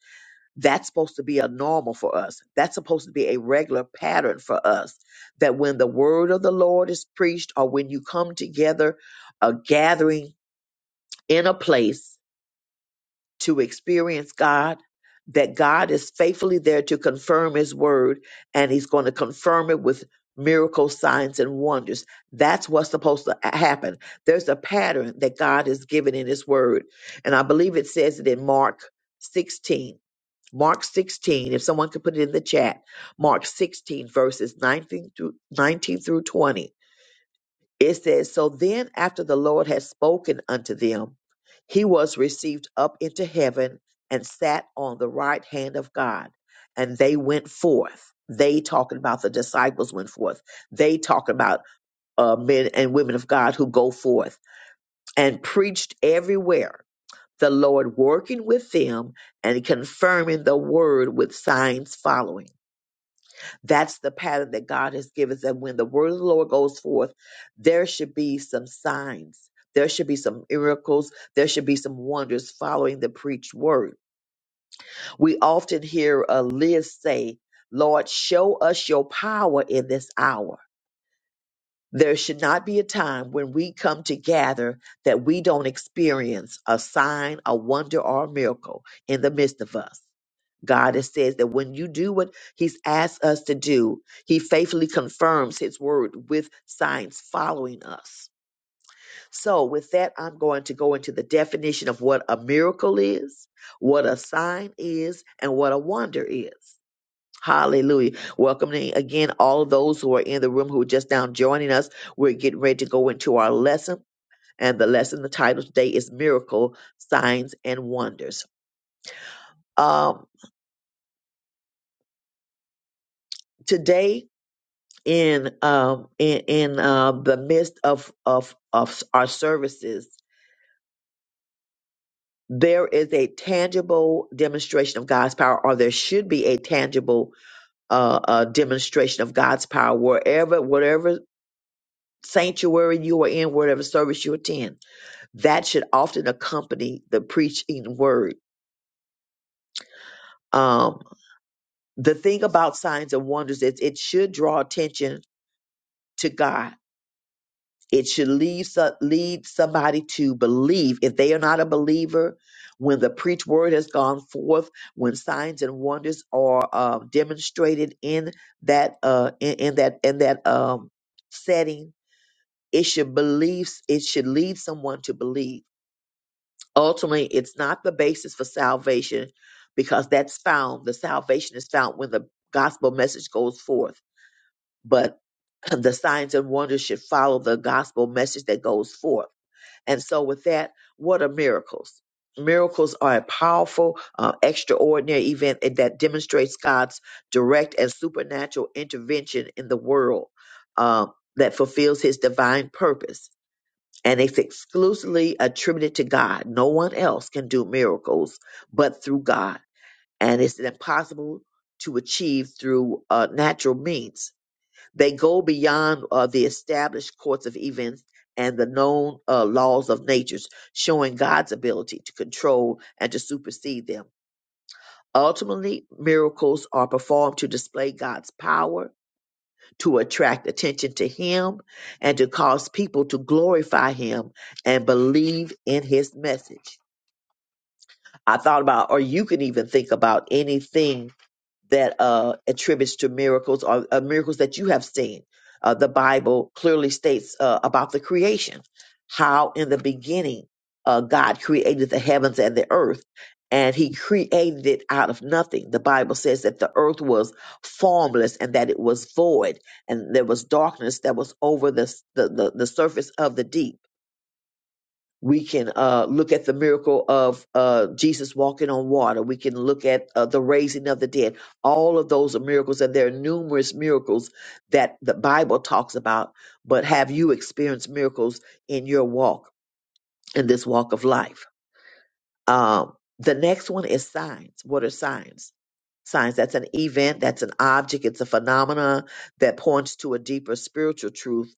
Speaker 1: that's supposed to be a normal for us. That's supposed to be a regular pattern for us. That when the word of the Lord is preached or when you come together, a gathering in a place, to experience God, that God is faithfully there to confirm His word, and He's going to confirm it with miracles, signs, and wonders. That's what's supposed to happen. There's a pattern that God has given in His word. And I believe it says it in Mark 16. Mark 16, if someone could put it in the chat, Mark 16, verses 19 through, 19 through 20 it says, So then, after the Lord had spoken unto them, he was received up into heaven and sat on the right hand of God. And they went forth. They talking about the disciples went forth. They talking about uh, men and women of God who go forth and preached everywhere. The Lord working with them and confirming the word with signs following. That's the pattern that God has given us. And when the word of the Lord goes forth, there should be some signs. There should be some miracles. There should be some wonders following the preached word. We often hear uh, Liz say, Lord, show us your power in this hour. There should not be a time when we come to gather that we don't experience a sign, a wonder, or a miracle in the midst of us. God, it says that when you do what He's asked us to do, He faithfully confirms His word with signs following us. So, with that, I'm going to go into the definition of what a miracle is, what a sign is, and what a wonder is. Hallelujah. Welcoming again all of those who are in the room who are just now joining us. We're getting ready to go into our lesson. And the lesson, the title today is Miracle Signs and Wonders. Um, today, in um in in uh, the midst of of of our services there is a tangible demonstration of God's power or there should be a tangible uh, uh demonstration of God's power wherever whatever sanctuary you are in whatever service you attend that should often accompany the preaching word um the thing about signs and wonders is it should draw attention to God It should lead, so- lead somebody to believe. If they are not a believer, when the preached word has gone forth, when signs and wonders are uh, demonstrated in that uh, in, in that in that um, setting, it should believe. It should lead someone to believe. Ultimately, it's not the basis for salvation, because that's found. The salvation is found when the gospel message goes forth, but the signs and wonders should follow the gospel message that goes forth and so, with that, what are miracles? Miracles are a powerful, uh, extraordinary event and that demonstrates God's direct and supernatural intervention in the world um, that fulfills his divine purpose. And it's exclusively attributed to God. No one else can do miracles but through God. And it's impossible to achieve through uh, natural means they go beyond uh, the established course of events and the known uh, laws of nature, showing God's ability to control and to supersede them. Ultimately, miracles are performed to display God's power, to attract attention to Him, and to cause people to glorify Him and believe in His message. I thought about, or you can even think about anything that uh, attributes to miracles or uh, miracles that you have seen. Uh, the Bible clearly states uh, about the creation, how in the beginning uh, God created the heavens and the earth, and He created it out of nothing. The Bible says that the earth was formless and that it was void, and there was darkness that was over the the, the, the surface of the deep we can uh, look at the miracle of uh, Jesus walking on water. We can look at uh, the raising of the dead. All of those are miracles, and there are numerous miracles that the Bible talks about. But have you experienced miracles in your walk, in this walk of life? Um, the next one is signs. What are signs? Signs. That's an event, that's an object, it's a phenomena that points to a deeper spiritual truth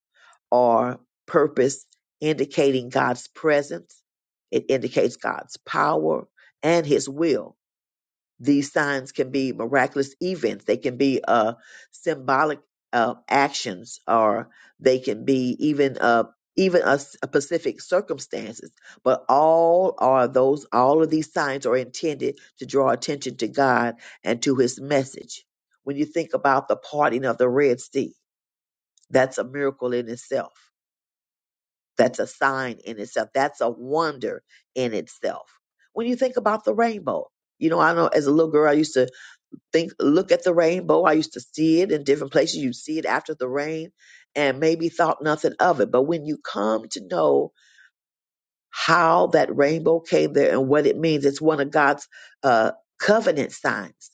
Speaker 1: or purpose indicating God's presence. It indicates God's power and his will. These signs can be miraculous events. They can be uh, symbolic uh, actions, or they can be even uh, even a, s- a specific circumstances. But all are those. All of these signs are intended to draw attention to God and to His message. When you think about the parting of the Red Sea, that's a miracle in itself that's a sign in itself. That's a wonder in itself. When you think about the rainbow, you know, I know as a little girl, I used to think, look at the rainbow. I used to see it in different places. You see it after the rain and maybe thought nothing of it. But when you come to know how that rainbow came there and what it means, it's one of God's uh, covenant signs,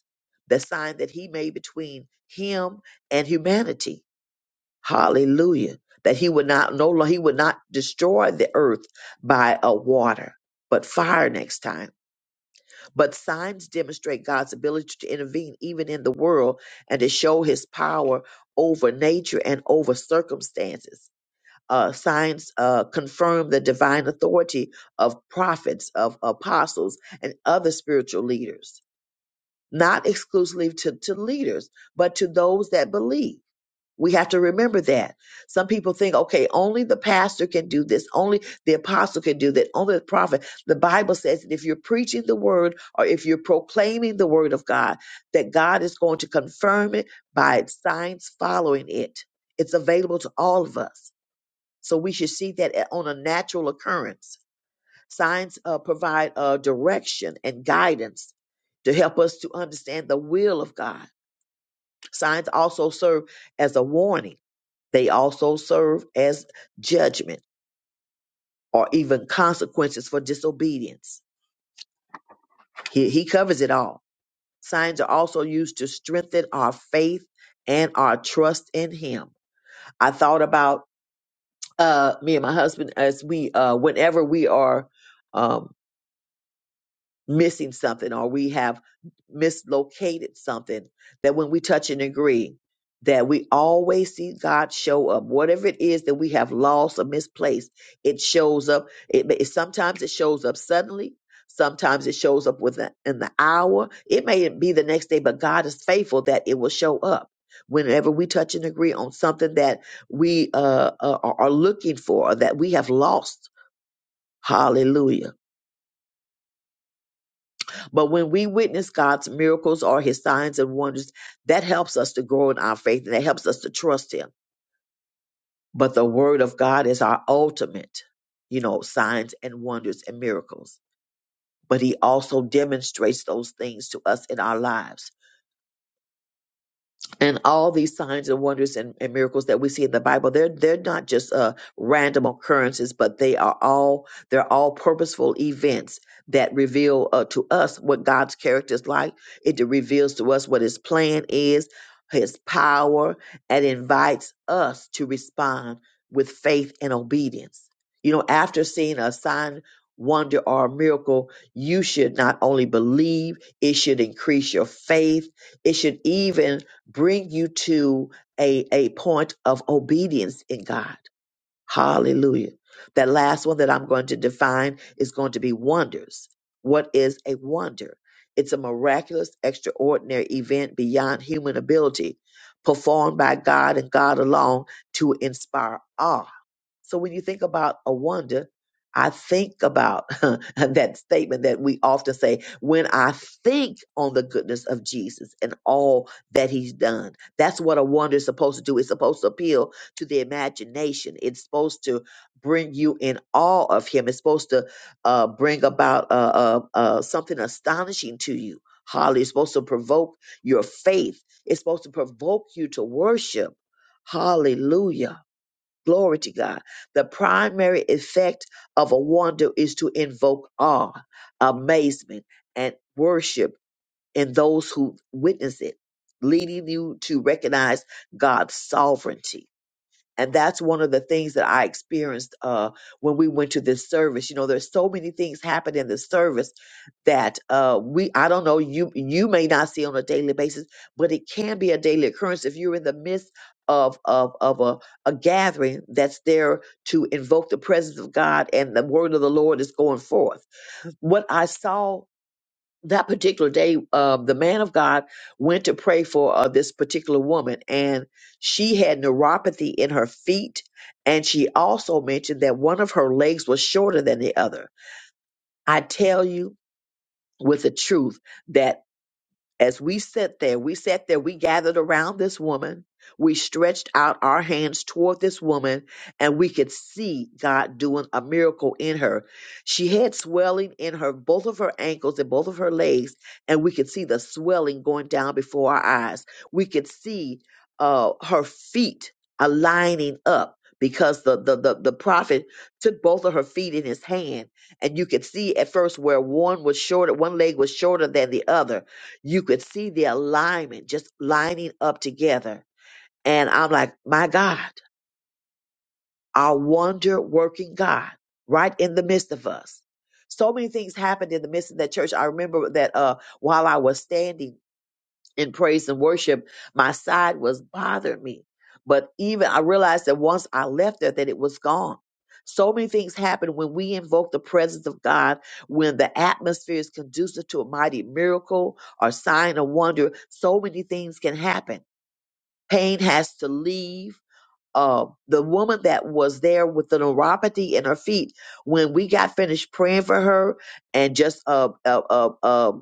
Speaker 1: the sign that he made between him and humanity Hallelujah. That he would not no lo- he would not destroy the earth by a water, but fire next time. But signs demonstrate God's ability to intervene even in the world and to show his power over nature and over circumstances. Uh, signs uh, confirm the divine authority of prophets, of apostles, and other spiritual leaders, not exclusively to, to leaders, but to those that believe. We have to remember that. Some people think, okay, only the pastor can do this, only the apostle can do that, only the prophet. The Bible says that if you're preaching the word or if you're proclaiming the word of God, that God is going to confirm it by signs following it. It's available to all of us. So we should see that a- on a natural occurrence. Signs uh, provide uh, direction and guidance to help us to understand the will of God. Signs also serve as a warning they also serve as judgment or even consequences for disobedience. He, he covers it all. Signs are also used to strengthen our faith and our trust in Him. I thought about uh, me and my husband as we, uh, whenever we are um, missing something or we have mislocated something that when we touch and agree that we always see God show up whatever it is that we have lost or misplaced it shows up it, may- sometimes it shows up suddenly sometimes it shows up within in the hour it may be the next day but God is faithful that it will show up whenever we touch and agree on something that we uh, uh, are are looking for or that we have lost hallelujah But when we witness God's miracles or his signs and wonders, that helps us to grow in our faith and that helps us to trust him. But the word of God is our ultimate, you know, signs and wonders and miracles. But he also demonstrates those things to us in our lives. and all these signs and wonders and, and miracles that we see in the Bible, they're they're not just uh, random occurrences, but they are all they're all purposeful events that reveal uh, to us what God's character is like. It reveals to us what His plan is, His power, and invites us to respond with faith and obedience. You know, after seeing a sign, wonder, or a miracle, you should not only believe; it should increase your faith. It should even bring you to a, a point of obedience in God. Hallelujah. That last one that I'm going to define is going to be wonders. What is a wonder? It's a miraculous, extraordinary event beyond human ability, performed by God and God alone to inspire awe so when you think about a wonder, I think about that statement that we often say, when I think on the goodness of Jesus and all that he's done. That's what a wonder is supposed to do. It's supposed to appeal to the imagination. It's supposed to bring you in awe of him. It's supposed to uh, bring about uh, uh, uh, something astonishing to you. Holly, it's supposed to provoke your faith. It's supposed to provoke you to worship. Hallelujah. Glory to God. The primary effect of a wonder is to invoke awe, amazement, and worship in those who witness it, leading you to recognize God's sovereignty and that's one of the things that I experienced uh, when we went to this service. You know, there's so many things happen in the service that uh, we I don't know you you may not see on a daily basis, but it can be a daily occurrence if you're in the midst of of of a, a gathering that's there to invoke the presence of God and the word of the Lord is going forth. What I saw that particular day, uh, the man of God went to pray for uh, this particular woman, and she had neuropathy in her feet. And she also mentioned that one of her legs was shorter than the other. I tell you with the truth that. As we sat there, we sat there, we gathered around this woman. We stretched out our hands toward this woman, and we could see God doing a miracle in her. She had swelling in her, both of her ankles and both of her legs, and we could see the swelling going down before our eyes. We could see uh, her feet aligning up because the, the, the, the prophet took both of her feet in his hand, and you could see at first where one was shorter, one leg was shorter than the other you could see the alignment just lining up together. And I'm like, my God, our wonder working God right in the midst of us. So many things happened in the midst of that church. I remember that uh, while I was standing in praise and worship, my side was bothering me. But even I realized that once I left there, that it was gone. So many things happen when we invoke the presence of God, when the atmosphere is conducive to a mighty miracle or sign or wonder. So many things can happen. Pain has to leave. Uh, the woman that was there with the neuropathy in her feet, when we got finished praying for her and just uh, uh, uh, uh,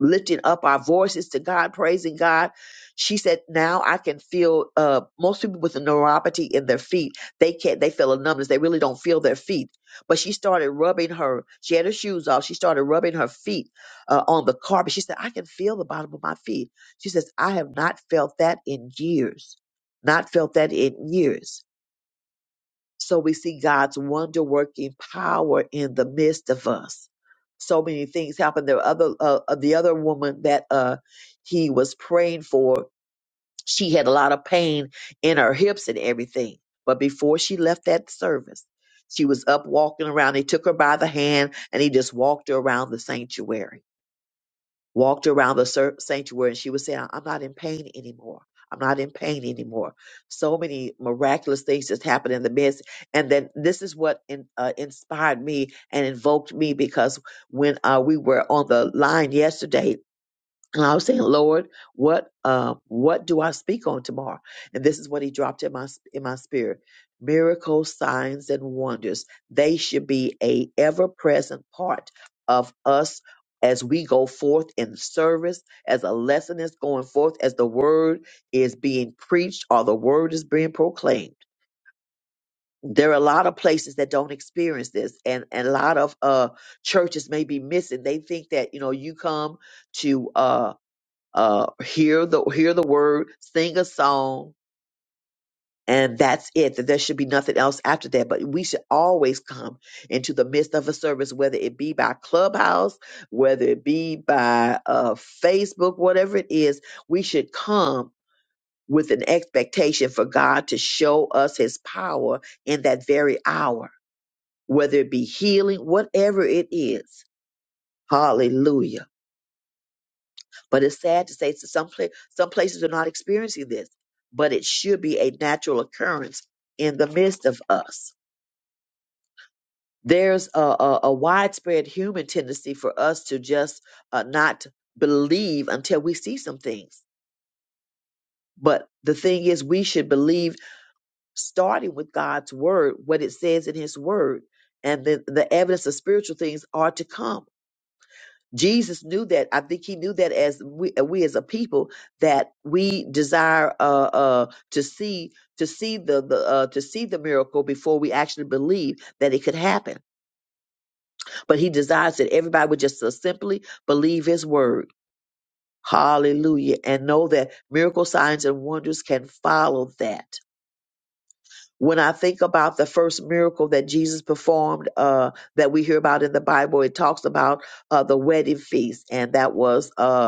Speaker 1: lifting up our voices to God, praising God. She said, "Now I can feel uh, most people with a neuropathy in their feet. They can't. They feel a numbness. They really don't feel their feet." But she started rubbing her. She had her shoes off. She started rubbing her feet uh, on the carpet. She said, "I can feel the bottom of my feet." She says, "I have not felt that in years. Not felt that in years." So we see God's wonder working power in the midst of us. So many things happened. The other, uh, uh, the other woman that uh, he was praying for, she had a lot of pain in her hips and everything. But before she left that service, she was up walking around. He took her by the hand and he just walked her around the sanctuary walked around the cer- sanctuary and she was saying, I'm not in pain anymore. I'm not in pain anymore. So many miraculous things just happened in the midst. And then this is what in, uh, inspired me and invoked me because when uh, we were on the line yesterday, and I was saying, Lord, what uh, what do I speak on tomorrow? And this is what He dropped in my in my spirit: miracles, signs, and wonders. They should be a ever present part of us as we go forth in service, as a lesson is going forth, as the word is being preached or the word is being proclaimed. There are a lot of places that don't experience this, and, and a lot of uh, churches may be missing. They think that you know you come to. Uh, uh, hear the hear the word, sing a song, and that's it. That there should be nothing else after that. But we should always come into the midst of a service, whether it be by Clubhouse, whether it be by uh, Facebook, whatever it is. We should come with an expectation for God to show us His power in that very hour, whether it be healing, whatever it is. Hallelujah. But it's sad to say s- some pla- some places are not experiencing this, but it should be a natural occurrence in the midst of us. There's a, a, a widespread human tendency for us to just uh, not believe until we see some things. But the thing is, we should believe starting with God's word, what it says in His word, and the, the evidence of spiritual things are to come Jesus knew that. I think he knew that as we, uh, we as a people that we desire uh, uh, to see to see the, the uh, to see the miracle before we actually believe that it could happen. But he desires that everybody would just uh, simply believe his word. Hallelujah. And know that miracle signs and wonders can follow that. When I think about the first miracle that Jesus performed uh, that we hear about in the Bible, it talks about uh, the wedding feast, and that was uh,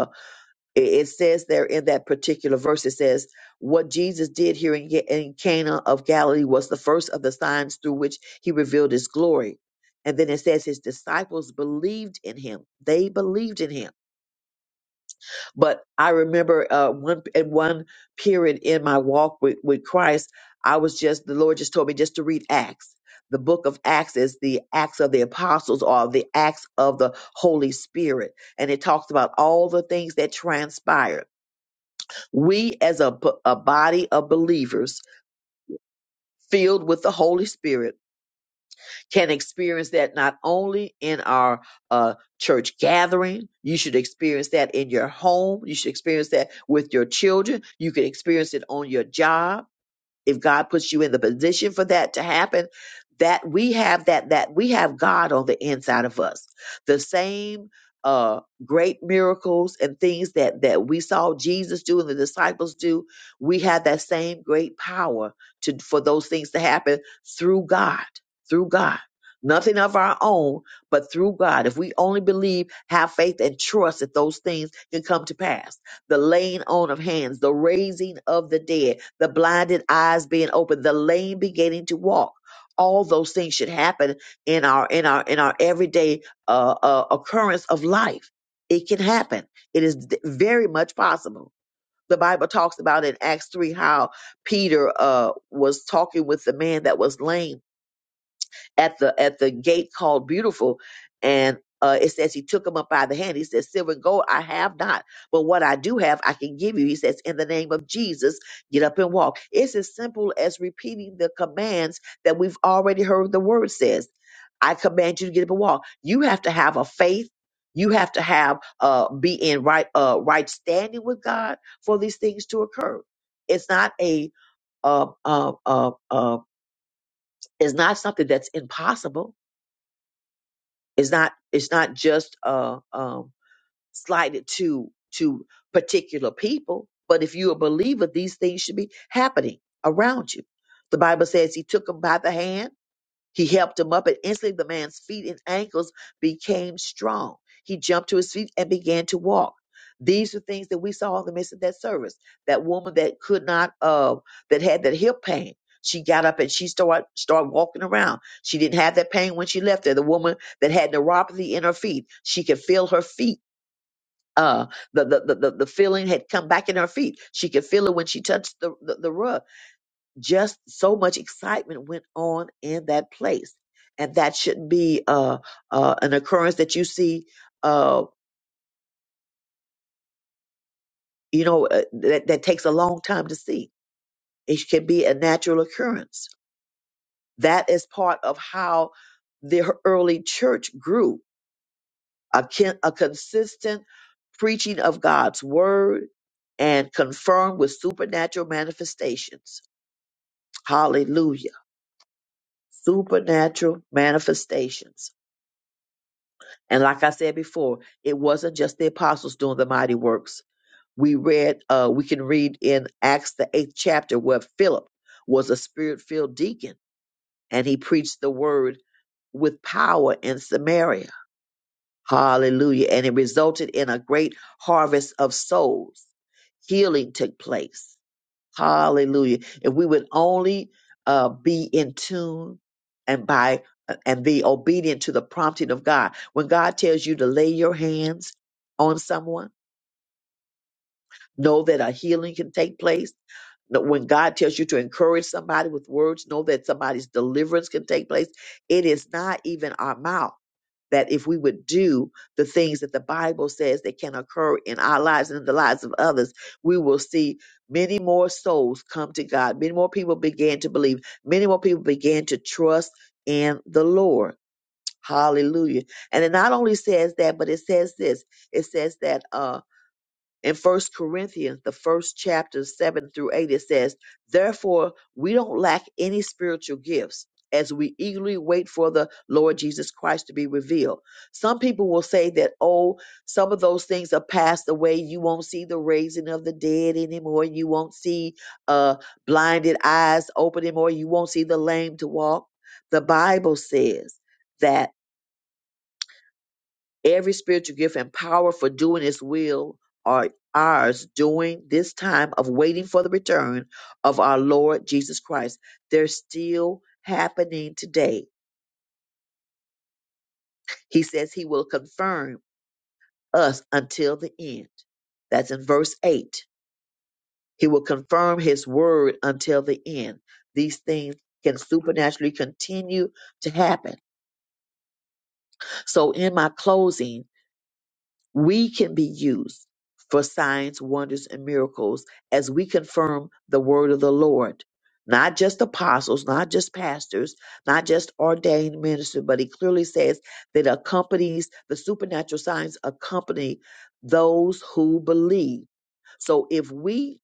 Speaker 1: It, it says there in that particular verse, it says, What Jesus did here in, Ga- in Cana of Galilee was the first of the signs through which he revealed his glory. And then it says his disciples believed in him. They believed in him. But I remember uh, one in one period in my walk with, with Christ, I was just the Lord just told me just to read Acts. The book of Acts is the Acts of the Apostles or the Acts of the Holy Spirit. And it talks about all the things that transpired we, as a, b- a body of believers filled with the Holy Spirit, can experience that not only in our uh, church gathering, you should experience that in your home, you should experience that with your children, you can experience it on your job if God puts you in the position for that to happen, that we have that that we have God on the inside of us. The same uh great miracles and things that that we saw Jesus do and the disciples do, we have that same great power to for those things to happen through God, through God. Nothing of our own, but through God. If we only believe, have faith, and trust that those things can come to pass the laying on of hands, the raising of the dead, the blinded eyes being opened, the lame beginning to walk. All those things should happen in our in our in our everyday uh, uh, occurrence of life. It can happen. It is d- very much possible. The Bible talks about in Acts three how Peter uh, was talking with the man that was lame at the at the gate called Beautiful, and uh, it says he took him up by the hand. He says, "Silver and gold I have not, but what I do have I can give you." He says, "In the name of Jesus, get up and walk." It's as simple as repeating the commands that we've already heard. The word says, "I command you to get up and walk." You have to have a faith. You have to have uh, be in right uh, right standing with God for these things to occur. It's not a uh, uh, uh, uh, it's not something that's impossible it's not it's not just uh um slighted to to particular people, but if you're a believer, these things should be happening around you. The Bible says he took him by the hand he helped him up, and instantly the man's feet and ankles became strong. He jumped to his feet and began to walk. These are things that we saw in the midst of that service. That woman that could not, uh, that had that hip pain. She got up and she started started walking around. She didn't have that pain when she left there. The woman that had neuropathy in her feet, she could feel her feet. Uh, the, the the the the feeling had come back in her feet. She could feel it when she touched the the, the rug just so much excitement went on in that place and that shouldn't be uh, uh, an occurrence that you see uh, you know uh, that, that takes a long time to see it can be a natural occurrence that is part of how the early church grew a, kin- a consistent preaching of god's word and confirmed with supernatural manifestations hallelujah supernatural manifestations And like I said before, it wasn't just the apostles doing the mighty works. We read, uh, we can read in Acts the eighth chapter where Philip was a spirit-filled deacon and he preached the word with power in Samaria. Hallelujah. And it resulted in a great harvest of souls. Healing took place. Hallelujah. If we would only uh, be in tune and by uh, and be obedient to the prompting of God. When God tells you to lay your hands on someone, know that a healing can take place. That When God tells you to encourage somebody with words, know that somebody's deliverance can take place. It is not even our mouth that if we would do the things that the Bible says that can occur in our lives and in the lives of others, we will see many more souls come to God. Many more people began to believe. Many more people began to trust in the Lord. Hallelujah. And it not only says that, but it says this. It says that Um, in first corinthians the first chapter 7 through 8 it says therefore we don't lack any spiritual gifts as we eagerly wait for the lord jesus christ to be revealed some people will say that oh some of those things are passed away you won't see the raising of the dead anymore you won't see uh blinded eyes open anymore you won't see the lame to walk the bible says that Every spiritual gift and power for doing His will are ours during this time of waiting for the return of our Lord Jesus Christ. They're still happening today. He says He will confirm us until the end. That's in verse 8. He will confirm His word until the end. These things can supernaturally continue to happen. So, in my closing, we can be used for signs, wonders, and miracles as we confirm the word of the Lord. Not just apostles, not just pastors, not just ordained ministers, but he clearly says that accompanies the supernatural signs accompany those who believe. So if we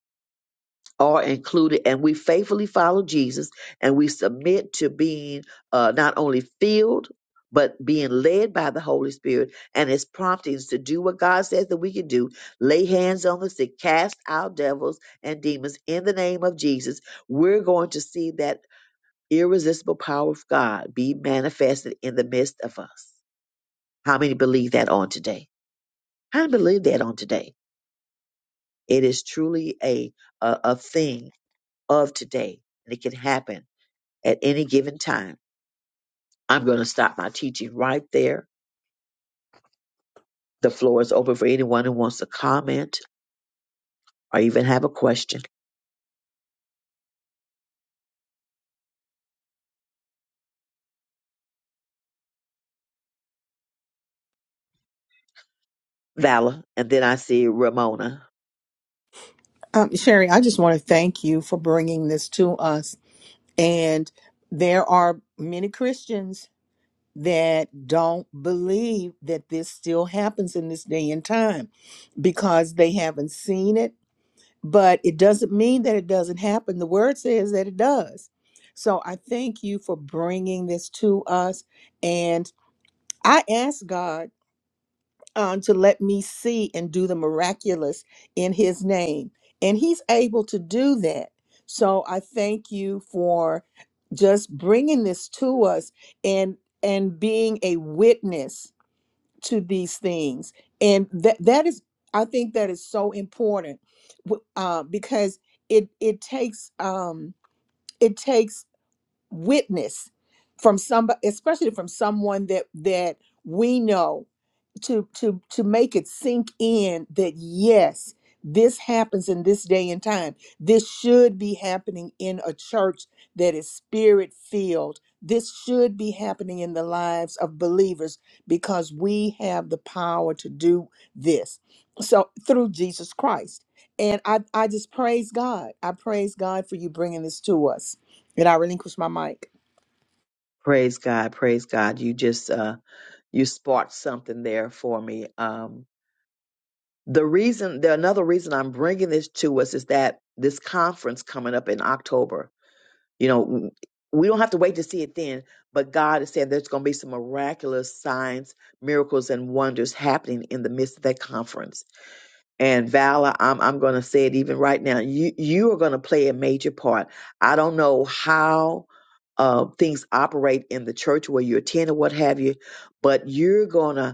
Speaker 1: are included and we faithfully follow Jesus and we submit to being uh, not only filled but being led by the Holy Spirit and his promptings to do what God says that we can do, lay hands on the sick, cast out devils and demons in the name of Jesus, we're going to see that irresistible power of God be manifested in the midst of us. How many believe that on today? How many believe that on today? It is truly a, a, a thing of today and it can happen at any given time. I'm going to stop my teaching right there. The floor is open for anyone who wants to comment or even have a question. Vala, and then I see Ramona.
Speaker 2: Um, Sherry, I just want to thank you for bringing this to us. And there are many Christians that don't believe that this still happens in this day and time because they haven't seen it. But it doesn't mean that it doesn't happen. The word says that it does. So I thank you for bringing this to us. And I ask God um, to let me see and do the miraculous in his name. And he's able to do that. So I thank you for just bringing this to us and and being a witness to these things. And that that is I think that is so important w- uh, because it it takes um, it takes witness from somebody, especially from someone that that we know to to to make it sink in that yes this happens in this day and time this should be happening in a church that is spirit filled this should be happening in the lives of believers because we have the power to do this so through jesus christ and i i just praise god i praise god for you bringing this to us and i relinquish my mic
Speaker 1: Praise God, praise God. You just uh you sparked something there for me. Um the reason the another reason I'm bringing this to us is that this conference coming up in October. You know, we don't have to wait to see it then, but God is saying there's going to be some miraculous signs, miracles and wonders happening in the midst of that conference and Valor, I'm I'm going to say it even right now. You you are going to play a major part. I don't know how uh, things operate in the church where you attend or what have you, but you're going to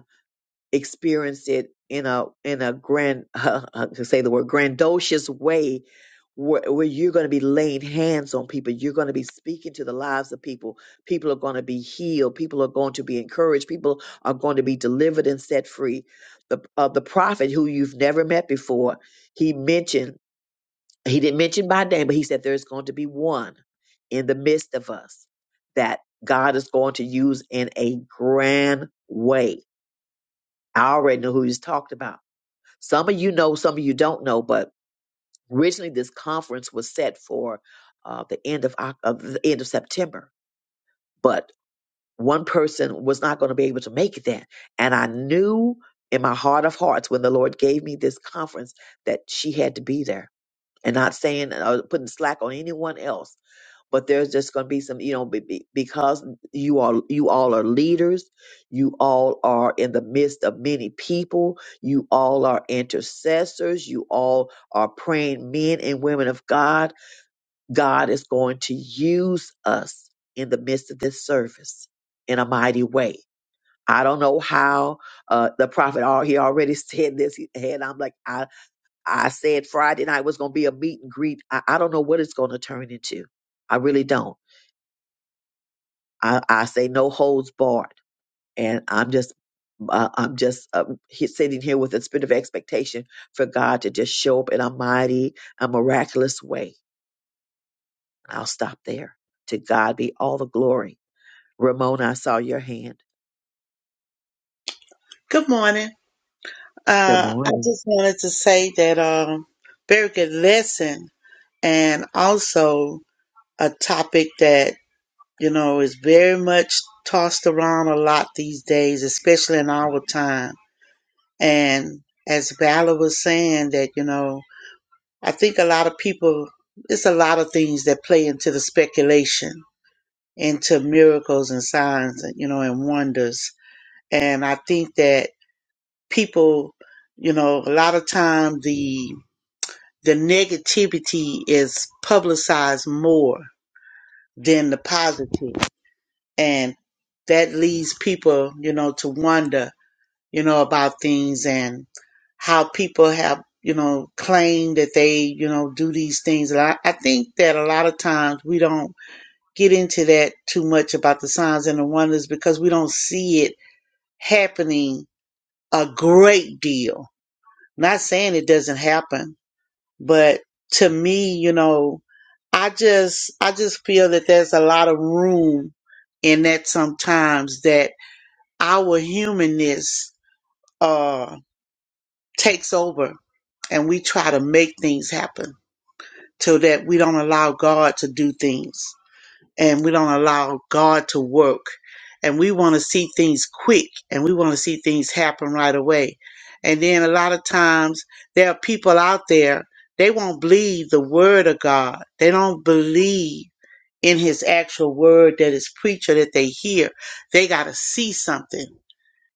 Speaker 1: experience it in a in a grand I can say the word grandiose way where, where you're going to be laying hands on people you're going to be speaking to the lives of people people are going to be healed people are going to be encouraged people are going to be delivered and set free the uh, the prophet who you've never met before he mentioned he didn't mention by name but he said there's going to be one in the midst of us that God is going to use in a grand way I already know who he's talked about. Some of you know, some of you don't know, but originally this conference was set for uh, the end of, Oc- of the end of September, but one person was not going to be able to make it then. And I knew in my heart of hearts when the Lord gave me this conference that she had to be there and not saying or putting slack on anyone else but there's just going to be some you know be, be- because you all you all are leaders you all are in the midst of many people you all are intercessors you all are praying men and women of god god is going to use us in the midst of this service in a mighty way I don't know how uh, the prophet. al- He already said this. And I'm like, I said Friday night was going to be a meet and greet. I, I don't know what it's going to turn into. I really don't. I, I say no holds barred, and I'm just uh, I'm just uh, he- sitting here with a spirit of expectation for God to just show up in a mighty, a miraculous way. I'll stop there. To God be all the glory. Ramona, I saw your hand.
Speaker 10: Good morning.
Speaker 1: Good
Speaker 10: Uh, I
Speaker 1: morning.
Speaker 10: just wanted to say that um, very good lesson, and also a topic that you know is very much tossed around a lot these days, especially in our time. And as Valor was saying, that you know, I think a lot of people, it's a lot of things that play into the speculation, into miracles and signs, and you know, and wonders. And I think that. people, you know, a lot of time the the negativity is publicized more than the positive, and that leads people, you know, to wonder, you know, about things and how people have, you know, claimed that they, you know, do these things. And I, I think that a lot of times we don't get into that too much about the signs and the wonders because we don't see it happening a great deal. Not saying it doesn't happen, But to me, you know, I just I just feel that there's a lot of room in that sometimes that our humanness uh takes over and we try to make things happen so that we don't allow God to do things and we don't allow God to work. And we want to see things quick and we want to see things happen right away. And then a lot of times there are people out there, they won't believe the word of God. They don't believe in his actual word that is preached or that they hear. They got to see something.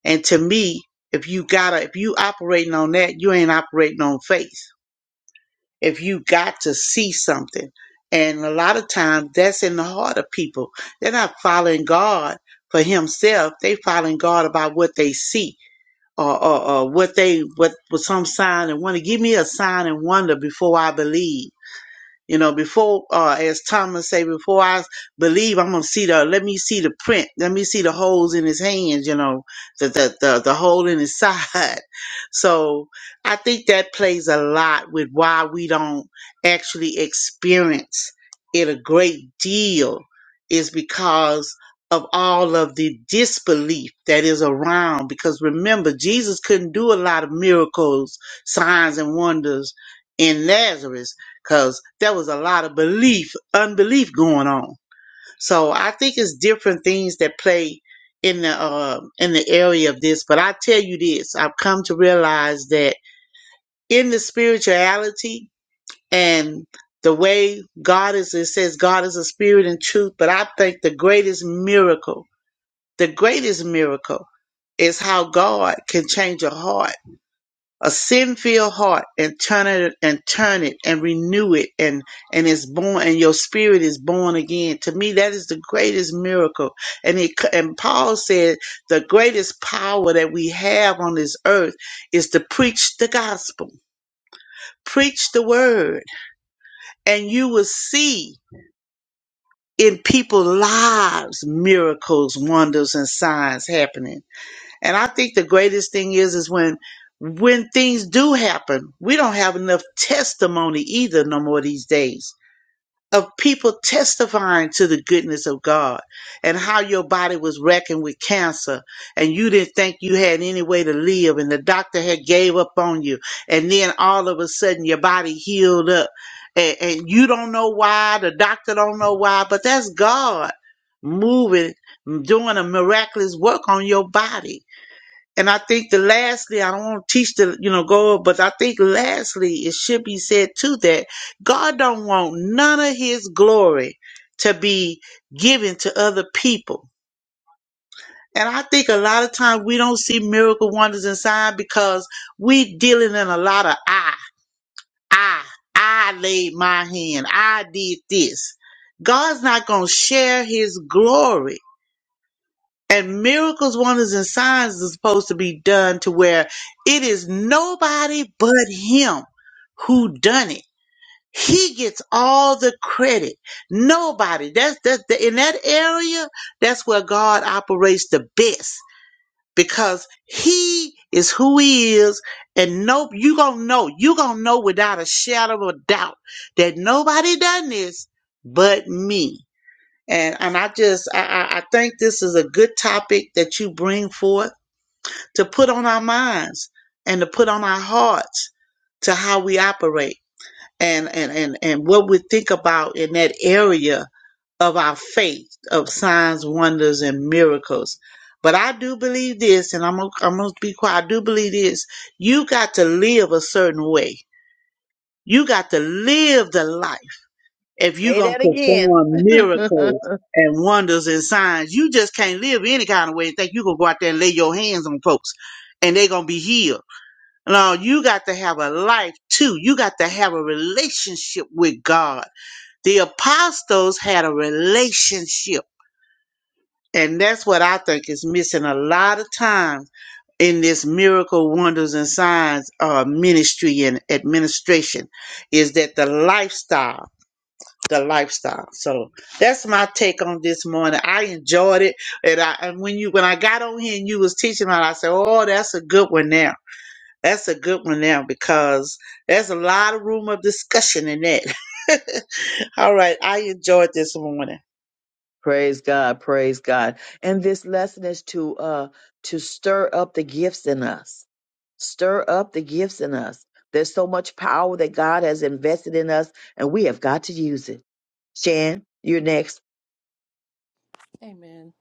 Speaker 10: And to me, if you gotta, if you operating on that, you ain't operating on faith if you got to see something. And a lot of times that's in the heart of people. They're not following God for himself. They following God about what they see or, or, or what they, what was some sign and wonder. Give me a sign and wonder before I believe you know, before uh as Thomas say, before I believe, I'm gonna see the let me see the print, let me see the holes in his hands, you know, the the the, the hole in his side. So I think that plays a lot with why we don't actually experience it a great deal is because of all of the disbelief that is around because remember Jesus couldn't do a lot of miracles, signs and wonders in Lazarus because there was a lot of belief, unbelief going on. So I think it's different things that play in the uh, in the area of this. But I tell you this, I've come to realize that in the spirituality and the way God is, it says God is a spirit and truth. But I think the greatest miracle, the greatest miracle, is how God can change a heart a sin-filled heart and turn it and turn it and renew it and and it's born and your spirit is born again to me that is the greatest miracle and it and paul said the greatest power that we have on this earth is to preach the gospel preach the word and you will see in people's lives miracles wonders and signs happening And I think the greatest thing is is when when things do happen, we don't have enough testimony either no more these days of people testifying to the goodness of God and how your body was wrecking with cancer and you didn't think you had any way to live and the doctor had gave up on you and then all of a sudden your body healed up and, and you don't know why, the doctor don't know why, but that's God moving, doing a miraculous work on your body and I think the lastly, I don't want to teach the, you know, go, but I think lastly, it should be said too that God don't want none of his glory to be given to other people. And I think a lot of times we don't see miracle wonders and signs because we dealing in a lot of I, I, I laid my hand. I did this. God's not going to share his glory And miracles, wonders, and signs are supposed to be done to where it is nobody but him who done it. He gets all the credit. Nobody. That's that's the, in that area. That's where God operates the best because He is who He is, and no, you gonna know. You gonna know without a shadow of a doubt that nobody done this but me. And and I just I, I I think this is a good topic that you bring forth to put on our minds and to put on our hearts to how we operate and and and, and what we think about in that area of our faith of signs, wonders, and miracles. But I do believe this, and I'm gonna, I'm gonna be quiet. I do believe this. You got to live a certain way. You got to live the life if you're
Speaker 1: Say
Speaker 10: going to
Speaker 1: that
Speaker 10: perform
Speaker 1: again.
Speaker 10: miracles and wonders and signs, you just can't live any kind of way and think you're going to go out there and lay your hands on folks and they're going to be healed. No, you got to have a life too. You got to have a relationship with God. The apostles had a relationship. And that's what I think is missing a lot of times in this miracle, wonders, and signs uh, ministry and administration is that the lifestyle the lifestyle. So that's my take on this morning. I enjoyed it, and I and when you when I got on here and you was teaching about, it, I said, "Oh, that's a good one now. That's a good one now because there's a lot of room of discussion in that." All right, I enjoyed this morning.
Speaker 1: praise God. Praise God. And this lesson is to uh to stir up the gifts in us Stir up the gifts in us. There's so much power that God has invested in us, and we have got to use it. Shan, you're next.
Speaker 3: Amen.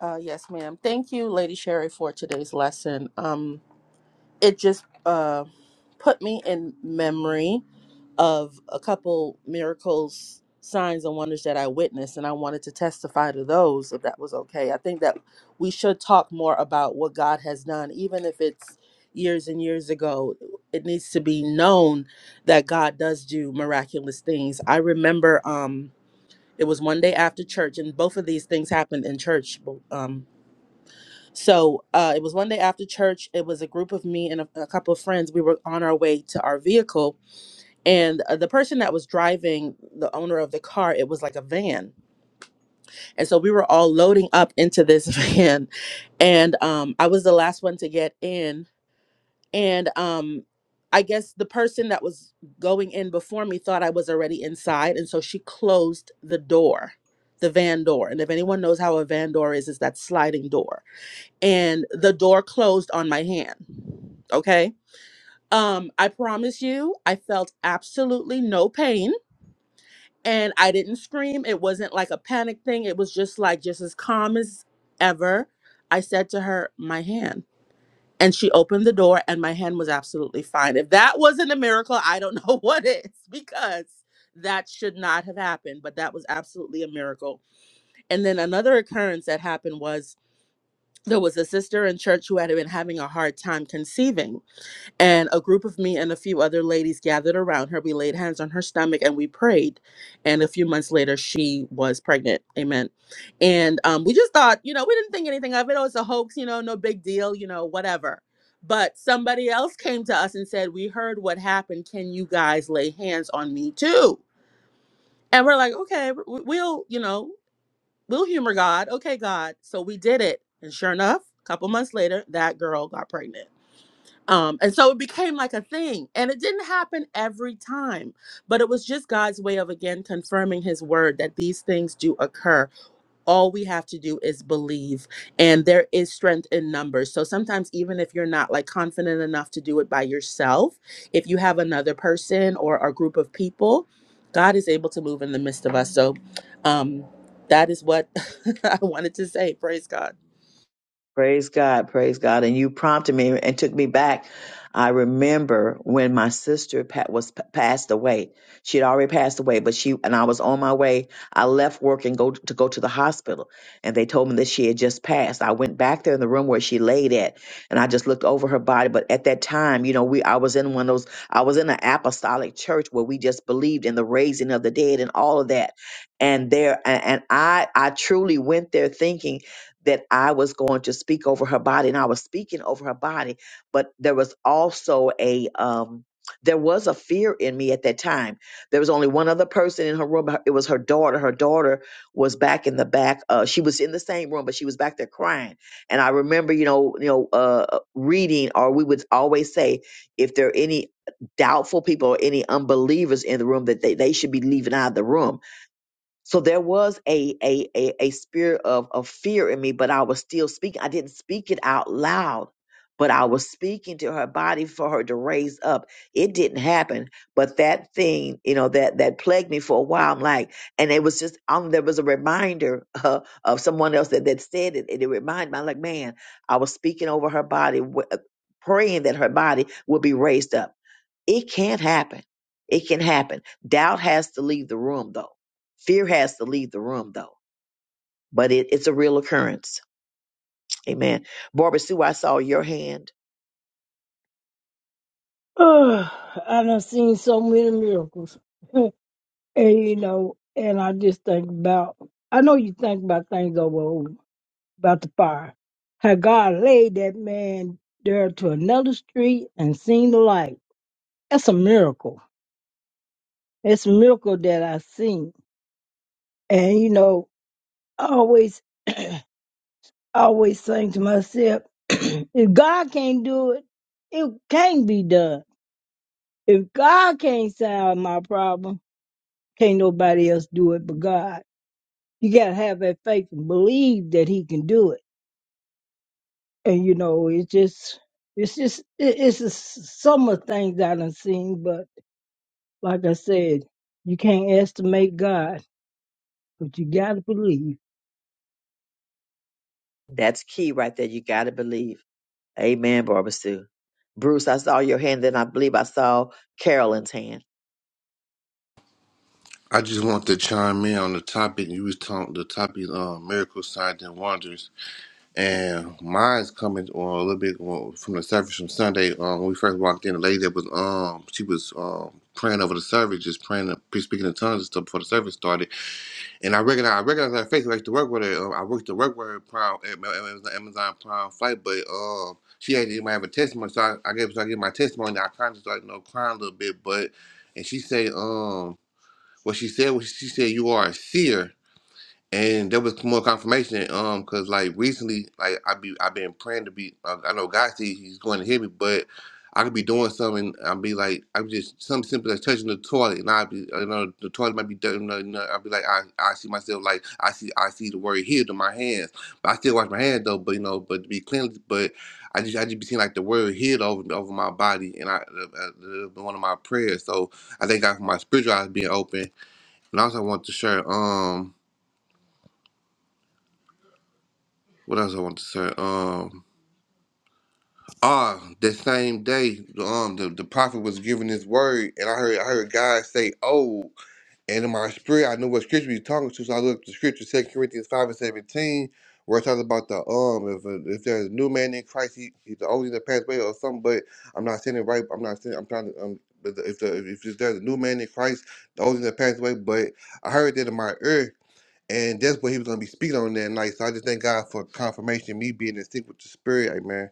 Speaker 3: Uh, yes, ma'am. Thank you, Lady Sherry, for today's lesson. Um, it just uh, put me in memory of a couple miracles signs and wonders that i witnessed and i wanted to testify to those if that was okay i think that we should talk more about what god has done even if it's years and years ago it needs to be known that god does do miraculous things i remember um it was one day after church and both of these things happened in church Um, so uh, it was one day after church. It was a group of me and a, a couple of friends. We were on our way to our vehicle, and uh, the person that was driving, the owner of the car, it was like a van, and so we were all loading up into this van, and um, I was the last one to get in, and um, I guess the person that was going in before me thought I was already inside, and so she closed the door, the van door, and if anyone knows how a van door is, it's that sliding door and the door closed on my hand. Okay. Um, I promise you, I felt absolutely no pain and I didn't scream. It wasn't like a panic thing. It was just like, just as calm as ever. I said to her, my hand. And she opened the door and my hand was absolutely fine. If that wasn't a miracle, I don't know what is because that should not have happened, but that was absolutely a miracle. And then another occurrence that happened was there was a sister in church who had been having a hard time conceiving. And a group of me and a few other ladies gathered around her. We laid hands on her stomach and we prayed. And a few months later, she was pregnant. Amen. And um, we just thought, you know, we didn't think anything of it. Oh, it's a hoax, you know, no big deal, you know, whatever. But somebody else came to us and said, We heard what happened. Can you guys lay hands on me too? And we're like, Okay, w- we'll, you know. We'll humor God. Okay, God. So we did it. And sure enough, a couple months later, that girl got pregnant. Um, and so it became like a thing. And it didn't happen every time, but it was just God's way of again confirming his word that these things do occur. All we have to do is believe. And there is strength in numbers. So sometimes, even if you're not like confident enough to do it by yourself, if you have another person or a group of people, God is able to move in the midst of us. So. Um, that is what I wanted to say. Praise God.
Speaker 1: Praise God, praise God. And you prompted me and took me back. I remember when my sister pa- was p- passed away. She had already passed away, but she and I was on my way. I left work and go to go to the hospital, and they told me that she had just passed. I went back there in the room where she laid at, and I just looked over her body. But at that time, you know, we I was in one of those. I was in an apostolic church where we just believed in the raising of the dead and all of that. And there, and, and I I truly went there thinking that I was going to speak over her body and I was speaking over her body, but there was also a um there was a fear in me at that time. There was only one other person in her room. It was her daughter. Her daughter was back in the back. Uh, she was in the same room, but she was back there crying. And I remember, you know, you know, uh, uh, reading, or we would always say, if there are any doubtful people or any unbelievers in the room, that they, they should be leaving out of the room so there was a a a, a spirit of, of fear in me, but I was still speaking. I didn't speak it out loud, but I was speaking to her body for her to raise up. It didn't happen. But that thing, you know, that that plagued me for a while. I'm like, and it was just um there was a reminder uh, of someone else that, that said it, and it reminded me, I'm like, man, I was speaking over her body. wh- Praying that her body would be raised up it can't happen. It can happen. Doubt has to leave the room, though. Fear has to leave the room, though. But it, it's a real occurrence. Amen. Barbara Sue, I saw your hand.
Speaker 5: Oh, I done seen so many miracles. and you know, and I just think about I know you think about things over over, about the fire. How God laid that man there to another street and seen the light. That's a miracle. It's a miracle that I seen. And you know, I always I always think to myself, if God can't do it, it can't be done. If God can't solve my problem, can't nobody else do it but God. You gotta have that faith and believe that He can do it. And you know, it's just, it's just, it, it's just some of the things I done seen. But like I said, you can't estimate God, but you gotta believe.
Speaker 1: That's key right there. You got to believe. Amen, Barbara Sue. Bruce, I saw your hand, then I believe I saw Carolyn's hand.
Speaker 11: I just want to chime in on the topic you was talking. The topic, uh, miracles, signs and wonders, and mine's coming on a little bit on- from the service from Sunday. Um, when we first walked in, the lady that was um, she was um praying over the service, just praying, uh, speaking in tongues and stuff before the service started. And I recognize, I recognize her face. I used to work with her. Um, I worked to work with her prime at my- at Amazon Amazon Prime flight, but um, she had might have a testimony, so I, I gave so I gave my testimony. I kind of started you know crying a little bit, but and she said, um. What she said was she said you are a seer, and there was more confirmation. Um, cause like recently, like I be I've been praying to be. I, I know God see He's going to hear me, but I could be doing something. I'll be like I'm just something simple as touching the toilet, and I'll be uh, you know the toilet might be dirty. You know, you know, I'll be like I I see myself like I see I see the word healed in my hands, but I still wash my hands though. But you know, but to be cleansed, but. I just, I just be seeing like the word healed over over my body, and I uh, uh, uh, one of my prayers. So I thank God for my spiritual eyes being open, and also I want to share um what else I want to say? Um ah, that same day, um the, the prophet was giving his word and I heard I heard God say, Oh, and in my spirit I knew what scripture he was talking to, so I looked up the scripture, Second Corinthians five and seventeen, where it talks about the um if a, if there's a new man in Christ, he, he's the only that passed away or something, but I'm not saying it right, I'm not saying I'm trying to um but the- if the if there's a new man in Christ, the only that passed away, but I heard that in my ear And that's what he was going to be speaking on that night. So I just thank God for confirmation, me being in sync with the spirit. Amen.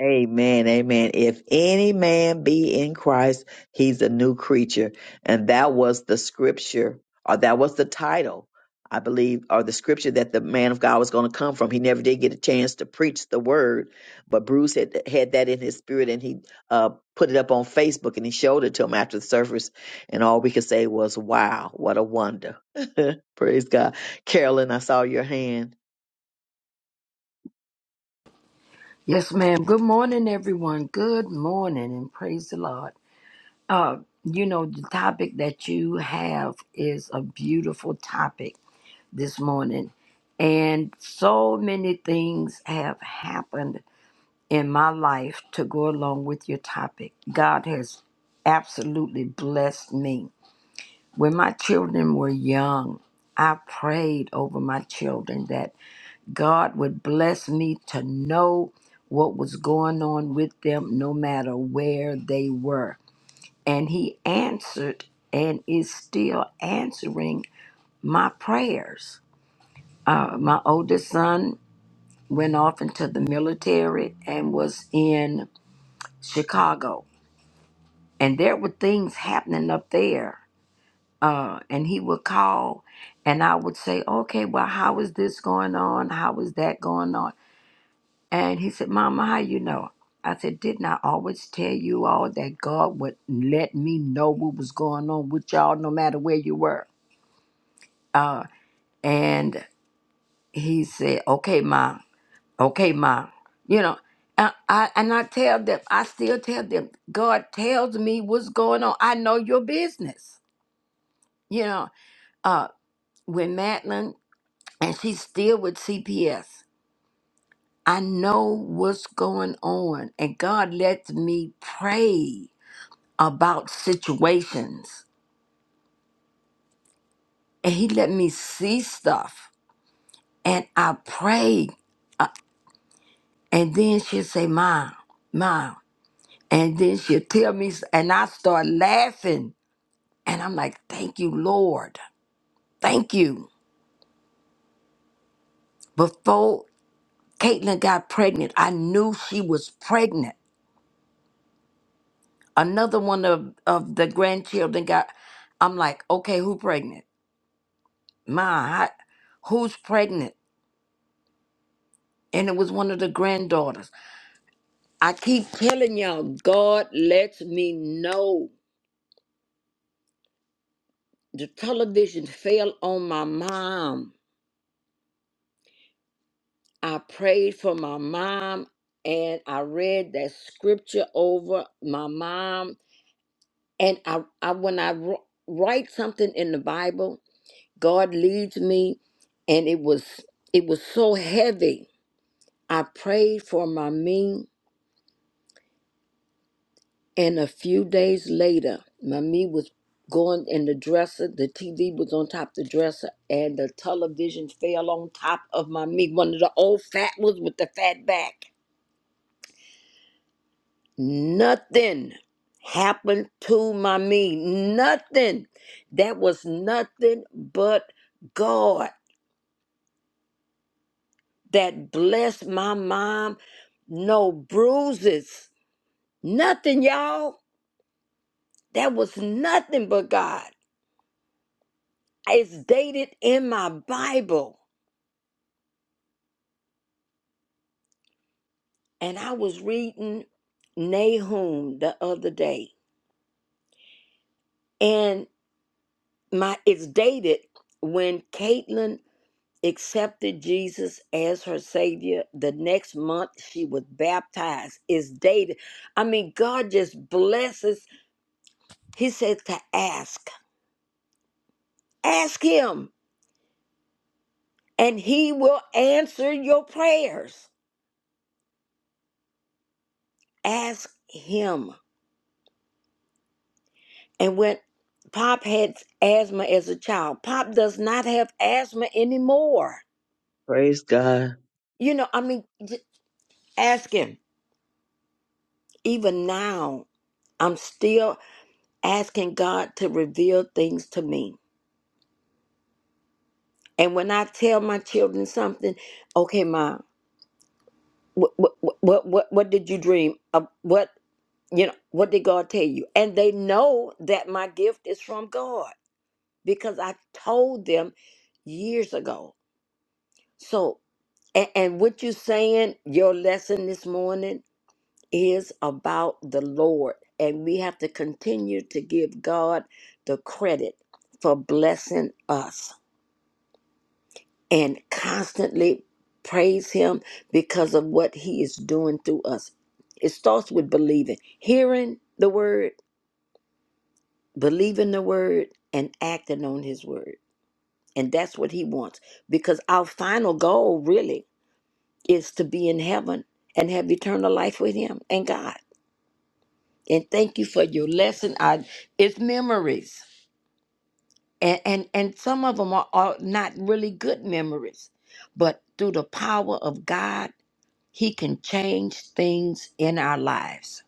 Speaker 1: Amen, amen. If any man be in Christ, he's a new creature. And that was the scripture, or that was the title, I believe, or the scripture that the man of God was going to come from. He never did get a chance to preach the word, but Bruce had, had that in his spirit and he uh, put it up on Facebook and he showed it to him after the service. And all we could say was, wow, what a wonder. Praise God. Carolyn, I saw your hand.
Speaker 7: Yes, ma'am. Good morning, everyone. Good morning, and praise the Lord. Uh, you know, the topic that you have is a beautiful topic. this morning. And so many things have happened in my life to go along with your topic. God has absolutely blessed me. When my children were young, I prayed over my children that God would bless me to know what was going on with them no matter where they were. And He answered and is still answering my prayers. Uh, my oldest son went off into the military and was in Chicago. And there were things happening up there. Uh, and he would call, and I would say, Okay, well, how is this going on? How is that going on? And he said, Mama, how you know? I said, Didn't I always tell you all that God would let me know what was going on with y'all no matter where you were? Uh, and he said, Okay, Ma. Okay, mom. You know, and I and I tell them, I still tell them, God tells me what's going on. I know your business. You know, uh, when Madeline and she's still with CPS, I know what's going on, and God lets me pray about situations, and He let me see stuff, and I pray, and then she'll say, "Mom, mom," and then she'll tell me, s- and I start laughing And I'm like, thank you, Lord. Thank you. Before Caitlin got pregnant, I knew she was pregnant. Another one of, of the grandchildren got, I'm like, okay, who pregnant? My, I- who's pregnant? And it was one of the granddaughters. I keep telling y'all, God lets me know. The television fell on my mom. I prayed for my mom and I read that scripture over my mom and I, I when I wr- write something in the Bible, God leads me, and it was it was so heavy. I prayed for my me, and a few days later, my me was going in the dresser. The TV was on top of the dresser, and the television fell on top of my me. One of the old fat ones with the fat back. Nothing happened to my me. Nothing. That was nothing but God. that blessed my mom. No bruises, nothing, y'all. That was nothing but God. It's dated in my Bible. And I was reading Nahum the other day. And my it's dated when Caitlin accepted Jesus as her savior. The next month she was baptized. It's dated. I mean, God just blesses. He said to ask. Ask him and he will answer your prayers. Ask him. And when Pop had asthma as a child, Pop does not have asthma anymore.
Speaker 1: Praise God.
Speaker 7: You know, I mean, j- ask him. Even now, I'm still asking God to reveal things to me. And when I tell my children something, okay, mom, what what what what, what did you dream? Of? What you know? What did God tell you? And they know that my gift is from God because I told them years ago. So, and, and what you're saying, your lesson this morning is about the Lord. And we have to continue to give God the credit for blessing us and constantly praise Him because of what He is doing through us. It starts with believing, hearing the word, believing the word, and acting on His word. And that's what he wants. Because our final goal really is to be in heaven and have eternal life with him and God. And thank you for your lesson. I it's memories. And and, and some of them are, are not really good memories. But through the power of God, he can change things in our lives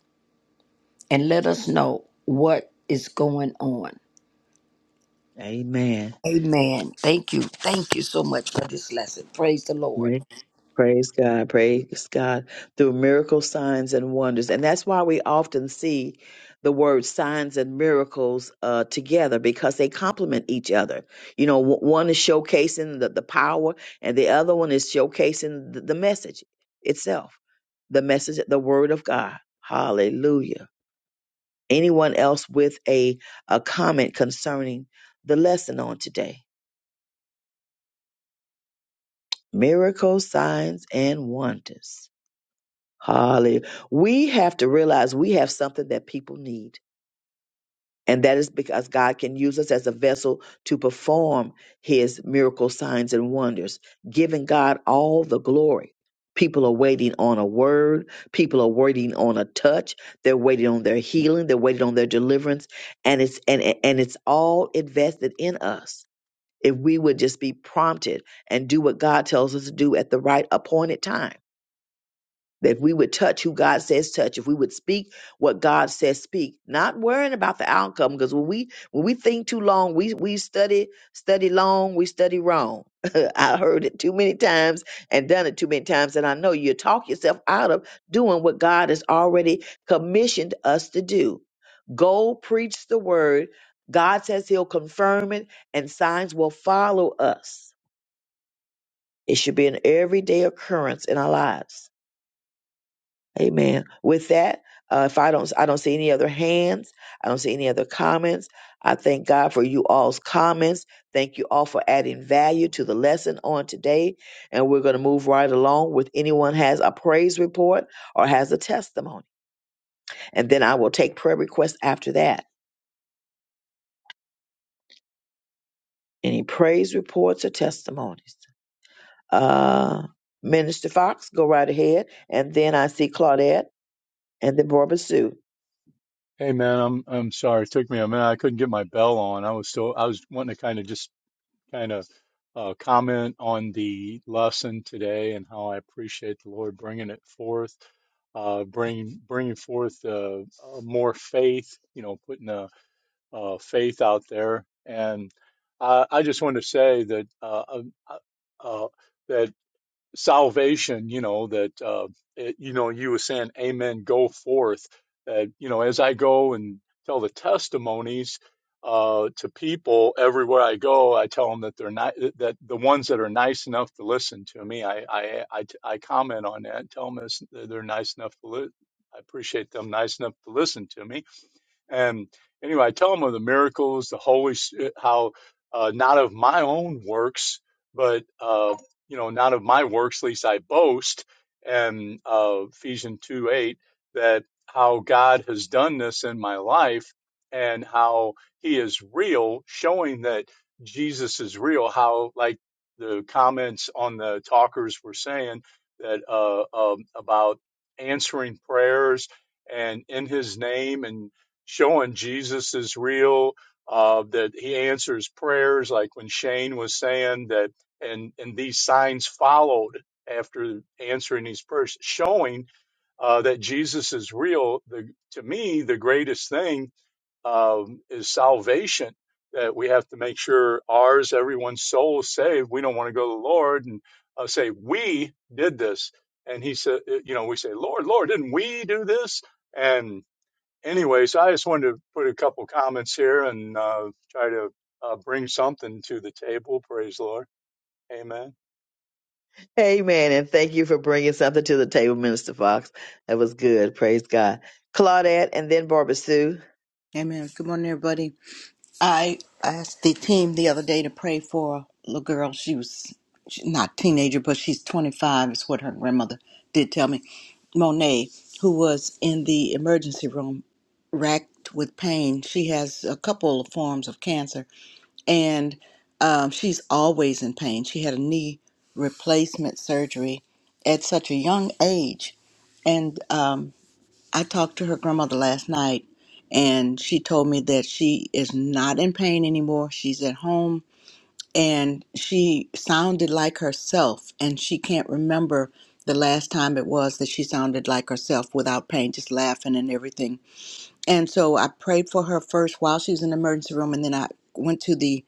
Speaker 7: and let us know what is going on.
Speaker 1: Amen.
Speaker 7: Amen. Thank you. Thank you so much for this lesson. Praise the Lord.
Speaker 1: Right. Praise God. Praise God. Through miracle signs and wonders. And that's why we often see the word signs and miracles uh, together because they complement each other. You know, w- one is showcasing the, the power, and the other one is showcasing the, the message itself, the message, the word of God. Hallelujah. Anyone else with a, a comment concerning the lesson on today? Miracles, signs, and wonders. Hallelujah. We have to realize we have something that people need. And that is because God can use us as a vessel to perform his miracle signs and wonders, giving God all the glory. People are waiting on a word. People are waiting on a touch. They're waiting on their healing. They're waiting on their deliverance. And it's and, and it's all invested in us. if we would just be prompted and do what God tells us to do at the right appointed time that if we would touch who God says touch, if we would speak what God says speak, not worrying about the outcome, because when we when we think too long, we we study study long, we study wrong. I heard it too many times and done it too many times, and I know you talk yourself out of doing what God has already commissioned us to do. Go preach the word. God says He'll confirm it, and signs will follow us. It should be an everyday occurrence in our lives Amen. With that, uh, if I don't, I don't see any other hands. I don't see any other comments. I thank God for you all's comments. Thank you all for adding value to the lesson on today. And we're going to move right along with anyone has a praise report or has a testimony. And then I will take prayer requests after that. Any praise reports or testimonies? Uh, Minister Fox, go right ahead. And then I see Claudette. and then Barbara Sue.
Speaker 12: Hey man, I'm I'm sorry. It took me a minute. I couldn't get my bell on. I was so I was wanting to kind of just kind of uh, comment on the lesson today and how I appreciate the Lord bringing it forth, uh, bring bringing forth uh, uh, more faith. You know, putting the uh, faith out there. And I, I just want to say that uh, uh, uh, that salvation, you know, that, uh, it, you know, you were saying, Amen, go forth. That, you know, as I go and tell the testimonies uh, to people everywhere I go, I tell them that they're not, that the ones that are nice enough to listen to me, I, I, I, I comment on that and tell them it's, they're nice enough to li- I appreciate them nice enough to listen to me and anyway, I tell them of the miracles, the Holy, how uh, not of my own works, but uh, you know, not of my works, least I boast. And uh, Ephesians two eight that how God has done this in my life, and how He is real, showing that Jesus is real. How like the comments on the talkers were saying that uh, um, about answering prayers and in His name and showing Jesus is real, uh, that he answers prayers, like when Shane was saying that, and, and these signs followed after answering these prayers, showing uh, that Jesus is real. The, to me, the greatest thing um, is salvation. That we have to make sure ours, everyone's soul is saved. We don't want to go to the Lord and uh, say, We did this. And he said, uh, You know, we say, Lord, Lord, didn't we do this? and anyway, so I just wanted to put a couple comments here and uh, try to uh, bring something to the table. Praise the Lord. Amen.
Speaker 1: Amen. And thank you for bringing something to the table, Minister Fox. That was good. Praise God. Claudette and then Barbara Sue.
Speaker 9: Amen. Good morning, everybody. I asked the team the other day to pray for a little girl. She was she's not a teenager, but she's 25. Is what her grandmother did tell me. Monet, who was in the emergency room, racked with pain. She has a couple of forms of cancer, and um, she's always in pain. She had a knee replacement surgery at such a young age. And um, I talked to her grandmother last night, and she told me that she is not in pain anymore. She's at home, and she sounded like herself, and she can't remember the last time it was that she sounded like herself without pain, just laughing and everything. And so I prayed for her first while she was in the emergency room, and then I went to the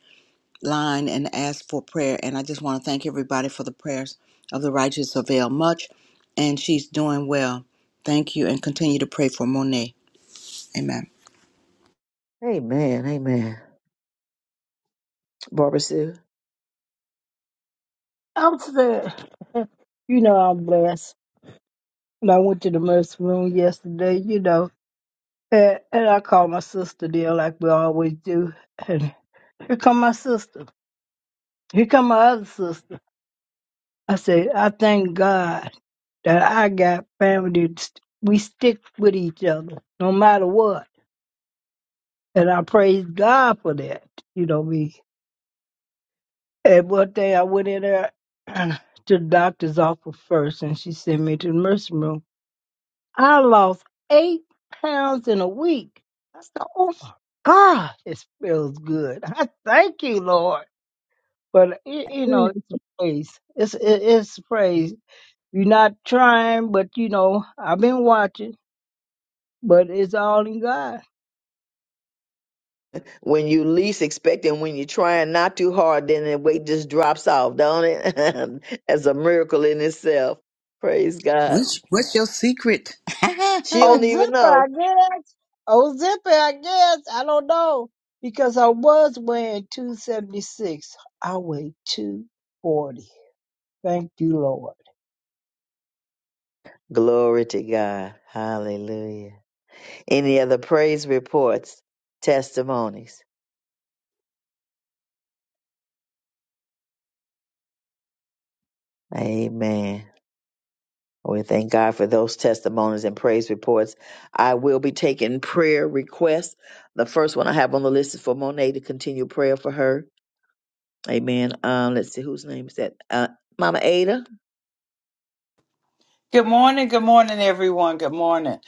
Speaker 9: line and ask for prayer. And I just want to thank everybody for the prayers of the righteous avail much. And she's doing well. Thank you, and continue to pray for Monet. Amen.
Speaker 1: Amen. Amen. Barbara Sue.
Speaker 5: I'm sad. you know, I'm blessed. When I went to the mercy room yesterday, you know. And, and I called my sister there like we always do. And here come my sister. Here come my other sister. I said, I thank God that I got family. that st- We stick with each other no matter what. And I praise God for that. You know me. And one day I went in there to the doctor's office first and she sent me to the nursing room. I lost eight pounds in a week. I said, oh my God, it feels good. I thank you, Lord. but y- you know it's a praise it's it- it's a praise you're not trying but you know i've been watching but it's all in god
Speaker 1: when you least expect it, when you're trying not too hard, then the weight just drops off, don't it? That's a miracle in itself. Praise God.
Speaker 9: What's what's your secret?
Speaker 1: She
Speaker 5: oh
Speaker 9: hmm
Speaker 1: don't even
Speaker 5: zipper i
Speaker 1: know.
Speaker 5: guess oh zipper i guess i don't know because i was weighing 276 i weigh 240 thank you lord
Speaker 1: Glory to God. Hallelujah. Any other praise reports, testimonies? Amen. We thank God for those testimonies and praise reports. I will be taking prayer requests. The first one I have on the list is for Monet to continue prayer for her. Amen. Um, let's see whose name is that. Uh, Mama Ada.
Speaker 13: Good morning, good morning, everyone. Good morning.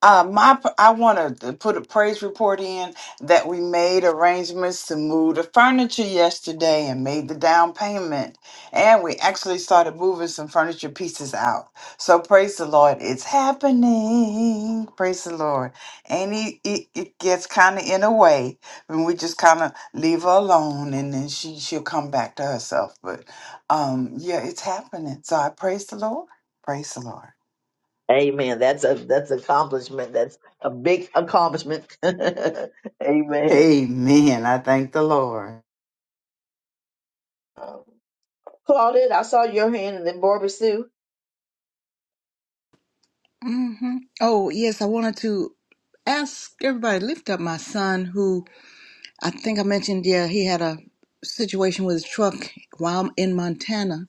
Speaker 13: Uh, my, I want to put a praise report in that we made arrangements to move the furniture yesterday and made the down payment, and we actually started moving some furniture pieces out. So praise the Lord, it's happening. Praise the Lord, and it it, it gets kind of in a way when we just kind of leave her alone, and then she she'll come back to herself. But um, yeah, it's happening. So I praise the Lord. Praise the Lord.
Speaker 1: Amen. That's a that's accomplishment. That's a big accomplishment. Amen.
Speaker 13: Amen. I thank the Lord.
Speaker 1: Um, Claudette, I saw your hand, and then Barbara Sue.
Speaker 9: Oh yes, I wanted to ask everybody to lift up my son, who I think I mentioned. Yeah, he had a situation with his truck while in Montana,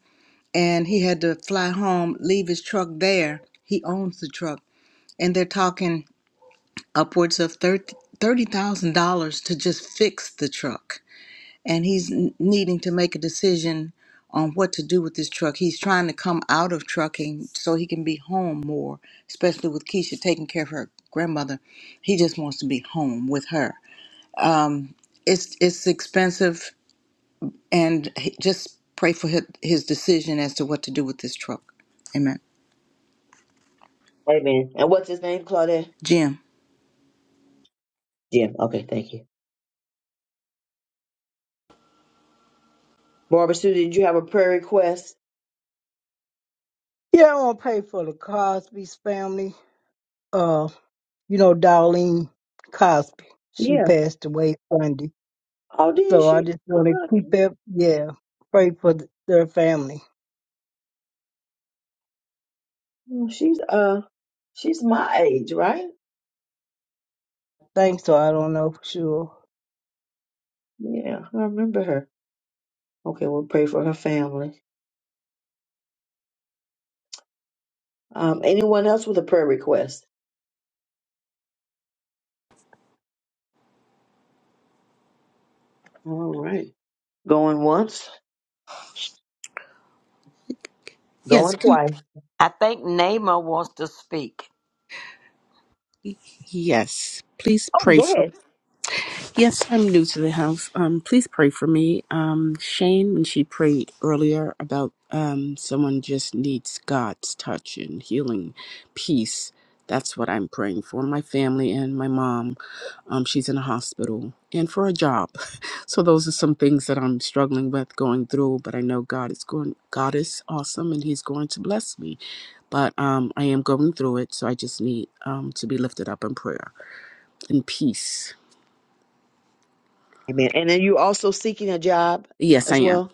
Speaker 9: and he had to fly home, leave his truck there. He owns the truck, and they're talking upwards of thirty thirty thousand dollars to just fix the truck, and he's n- needing to make a decision on what to do with this truck. He's trying to come out of trucking so he can be home more, especially with Keisha taking care of her grandmother. He just wants to be home with her. It's it's expensive, and he, just pray for his, his decision as to what to do with this truck. Amen.
Speaker 1: Amen. And what's his name, Claudette?
Speaker 9: Jim,
Speaker 1: Jim. Okay, thank you. Barbara Sue, did you have a prayer request?
Speaker 5: yeah i want to pay for the cosby's family uh you know darlene cosby she
Speaker 1: Yeah.
Speaker 5: passed away sunday
Speaker 1: Oh, did
Speaker 5: So I
Speaker 1: she?
Speaker 5: just want to keep
Speaker 1: Oh,
Speaker 5: it, yeah, pray for th- their family.
Speaker 1: She's uh, she's my age, right?
Speaker 5: Thanks, so I don't know for sure.
Speaker 1: Yeah, I remember her. Okay, we'll pray for her family. Um, anyone else with a prayer request? All right. Going once,
Speaker 8: Yes,
Speaker 1: going
Speaker 8: can,
Speaker 1: twice.
Speaker 7: I think Naima wants to speak.
Speaker 8: yes. Please
Speaker 1: Oh,
Speaker 8: pray
Speaker 1: go
Speaker 8: for.
Speaker 1: ahead.
Speaker 8: Yes, I'm new to the house. Um, please pray for me. Um, Shane, when she prayed earlier about um, someone just needs God's touch and healing, peace. That's what I'm praying for. My family and my mom. Um, she's in a hospital and for a job. So those are some things that I'm struggling with, going through. But I know God is going. God is awesome, and He's going to bless me. But um, I am going through it, so I just need um, to be lifted up in prayer and peace.
Speaker 1: Amen. And then you also seeking a job
Speaker 8: Yes, I
Speaker 1: as
Speaker 8: am.
Speaker 1: well?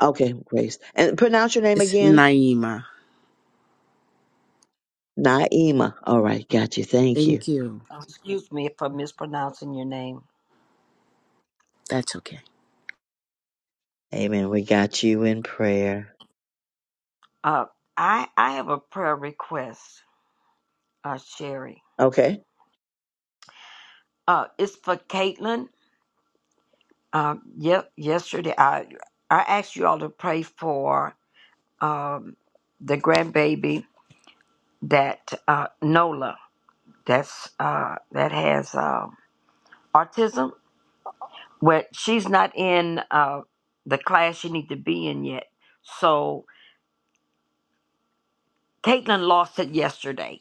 Speaker 1: Okay, Grace. And pronounce your name
Speaker 8: It's
Speaker 1: again.
Speaker 8: Naima.
Speaker 1: Naima. All right, got you. Thank you.
Speaker 8: Thank you.
Speaker 7: Uh, Excuse me for mispronouncing your name.
Speaker 8: That's okay.
Speaker 1: Amen. We got you in prayer.
Speaker 7: Uh, I I have a prayer request, uh, Sherry.
Speaker 1: Okay.
Speaker 7: Uh, it's for Caitlin. Um, yep. Yesterday, I I asked you all to pray for um the grandbaby that uh Nola that's uh that has uh, autism. Well, she's not in uh the class she need to be in yet. So Caitlin lost it yesterday.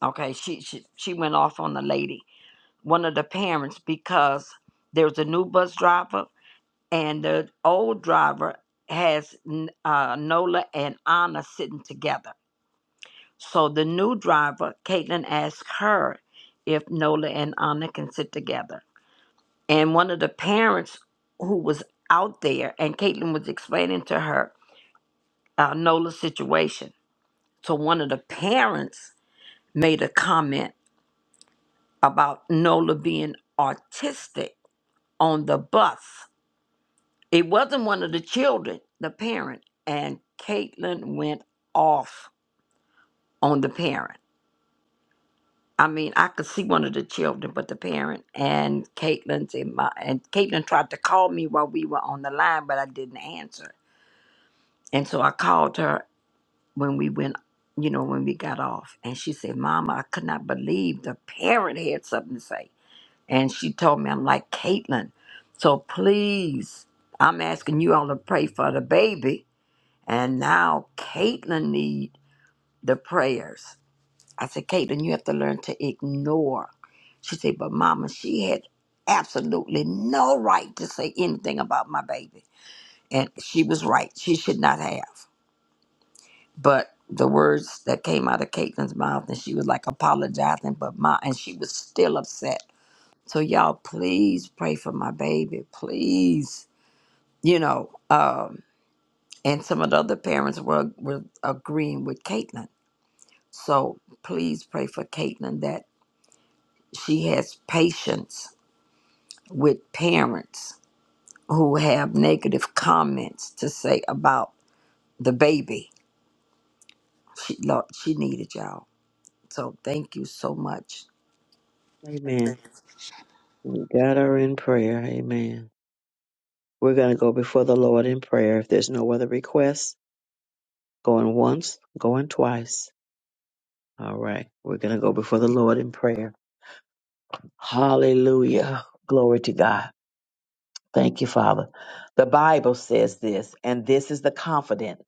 Speaker 7: Okay, she she she went off on the lady one of the parents because there's a new bus driver and the old driver has uh, Nola and Anna sitting together. So the new driver, Caitlin, asked her if Nola and Anna can sit together. And one of the parents who was out there, and Caitlin was explaining to her uh, Nola's situation. So one of the parents made a comment about Nola being autistic on the bus. It wasn't one of the children, the parent, and Caitlin went off on the parent. I mean, I could see one of the children, but the parent and Caitlin's in my and Caitlin tried to call me while we were on the line, but I didn't answer. And so I called her when we went, you know, when we got off. And she said, Mama, I could not believe the parent had something to say. And she told me, I'm like, Caitlin, so please, I'm asking you all to pray for the baby And now Caitlin need the prayers. I said, Caitlin, you have to learn to ignore. She said, but mama, she had absolutely no right to say anything about my baby. And she was right. She should not have. But the words that came out of Caitlin's mouth and she was like apologizing, but my and she was still upset. So y'all please pray for my baby. Please. You know, um, and some of the other parents were, were agreeing with Caitlin So please pray for Caitlin that she has patience with parents who have negative comments to say about the baby. She Lord, she needed y'all. So thank you so much.
Speaker 1: Amen. We got her in prayer. Amen. We're going to go before the Lord in prayer. If there's no other requests, going once, going twice. All right. We're going to go before the Lord in prayer. Hallelujah. Glory to God. Thank you, Father. The Bible says this, and this is the confidence.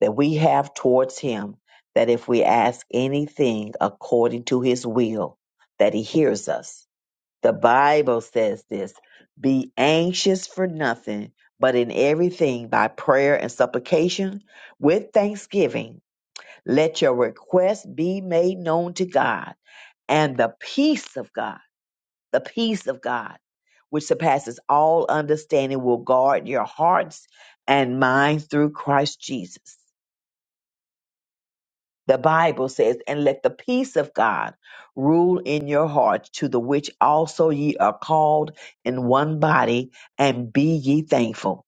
Speaker 1: that we have towards him that if we ask anything according to his will, that he hears us. The Bible says this be anxious for nothing, but in everything by prayer and supplication with thanksgiving, let your requests be made known to God and the peace of God, the peace of God, which surpasses all understanding, will guard your hearts and minds through Christ Jesus The Bible says, And let the peace of God rule in your hearts, to the which also ye are called in one body, and be ye thankful.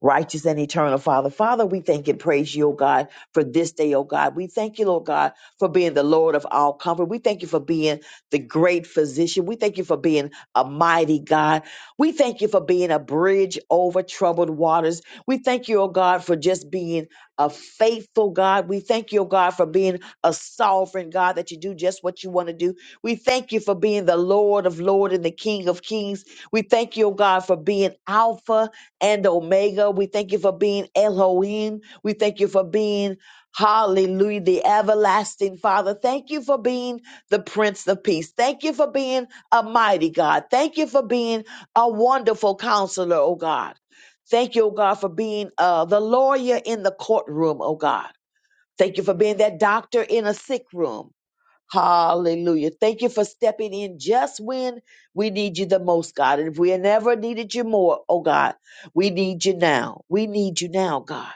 Speaker 1: Righteous and eternal Father. Father, we thank and praise you, O God, for this day, O God. We thank you, Lord God, for being the Lord of all comfort. We thank you for being the great physician. We thank you for being a mighty God. We thank you for being a bridge over troubled waters. We thank you, O God, for just being a faithful God. We thank you, O God, for being a sovereign God that you do just what you want to do. We thank you for being the Lord of lords and the King of Kings. We thank you, O God, for being Alpha and Omega. We thank you for being Elohim. We thank you for being, hallelujah, the everlasting Father. Thank you for being the Prince of Peace. Thank you for being a mighty God. Thank you for being a wonderful counselor, oh God. Thank you, oh God, for being uh, the lawyer in the courtroom, oh God. Thank you for being that doctor in a sick room. Hallelujah. Thank you for stepping in just when we need you the most, God. And if we never needed you more, oh God, we need you now. We need you now, God.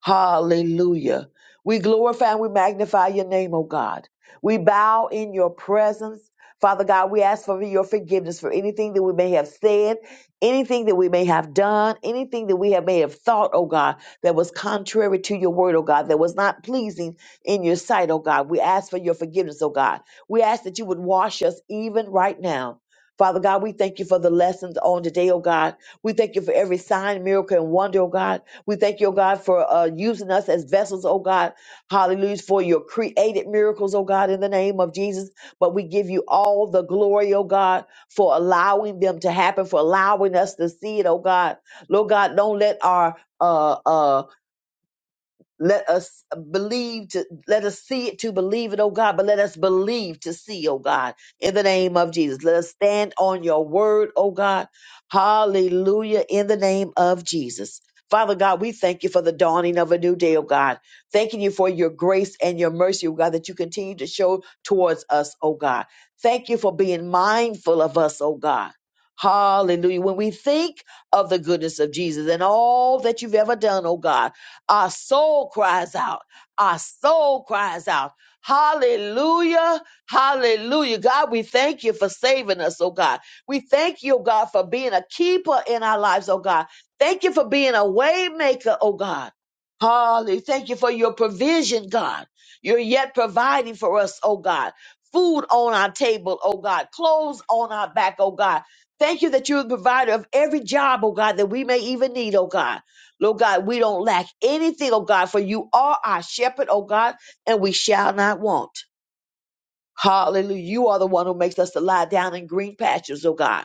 Speaker 1: Hallelujah. We glorify and we magnify your name, oh God. We bow in your presence. Father God, we ask for your forgiveness for anything that we may have said, anything that we may have done, anything that we have may have thought, oh God, that was contrary to your word, oh God, that was not pleasing in your sight, oh God. We ask for your forgiveness, oh God. We ask that you would wash us even right now. Father God, we thank you for the lessons on today, oh God. We thank you for every sign, miracle, and wonder, oh God. We thank you, oh God, for uh, using us as vessels, oh God. Hallelujah, for your created miracles, oh God, in the name of Jesus. But we give you all the glory, oh God, for allowing them to happen, for allowing us to see it, oh God. Lord God, don't let our uh, uh, let us believe to let us see it to believe it, oh God, but let us believe to see, oh God, in the name of Jesus. Let us stand on your word, oh God. Hallelujah, in the name of Jesus. Father God, we thank you for the dawning of a new day, oh God. Thanking you for your grace and your mercy, oh God, that you continue to show towards us, oh God. Thank you for being mindful of us, oh God. Hallelujah. When we think of the goodness of Jesus and all that you've ever done, oh God, our soul cries out. Our soul cries out. Hallelujah. Hallelujah. God, we thank you for saving us, oh God. We thank you, oh God, for being a keeper in our lives, oh God. Thank you for being a way maker, oh God. Hallelujah. Thank you for your provision, God. You're yet providing for us, oh God. Food on our table, oh God. Clothes on our back, oh God. Thank you that you're the provider of every job, oh God, that we may even need, oh God. Lord God, we don't lack anything, oh God, for you are our shepherd, oh God, and we shall not want. Hallelujah. You are the one who makes us to lie down in green pastures, oh God.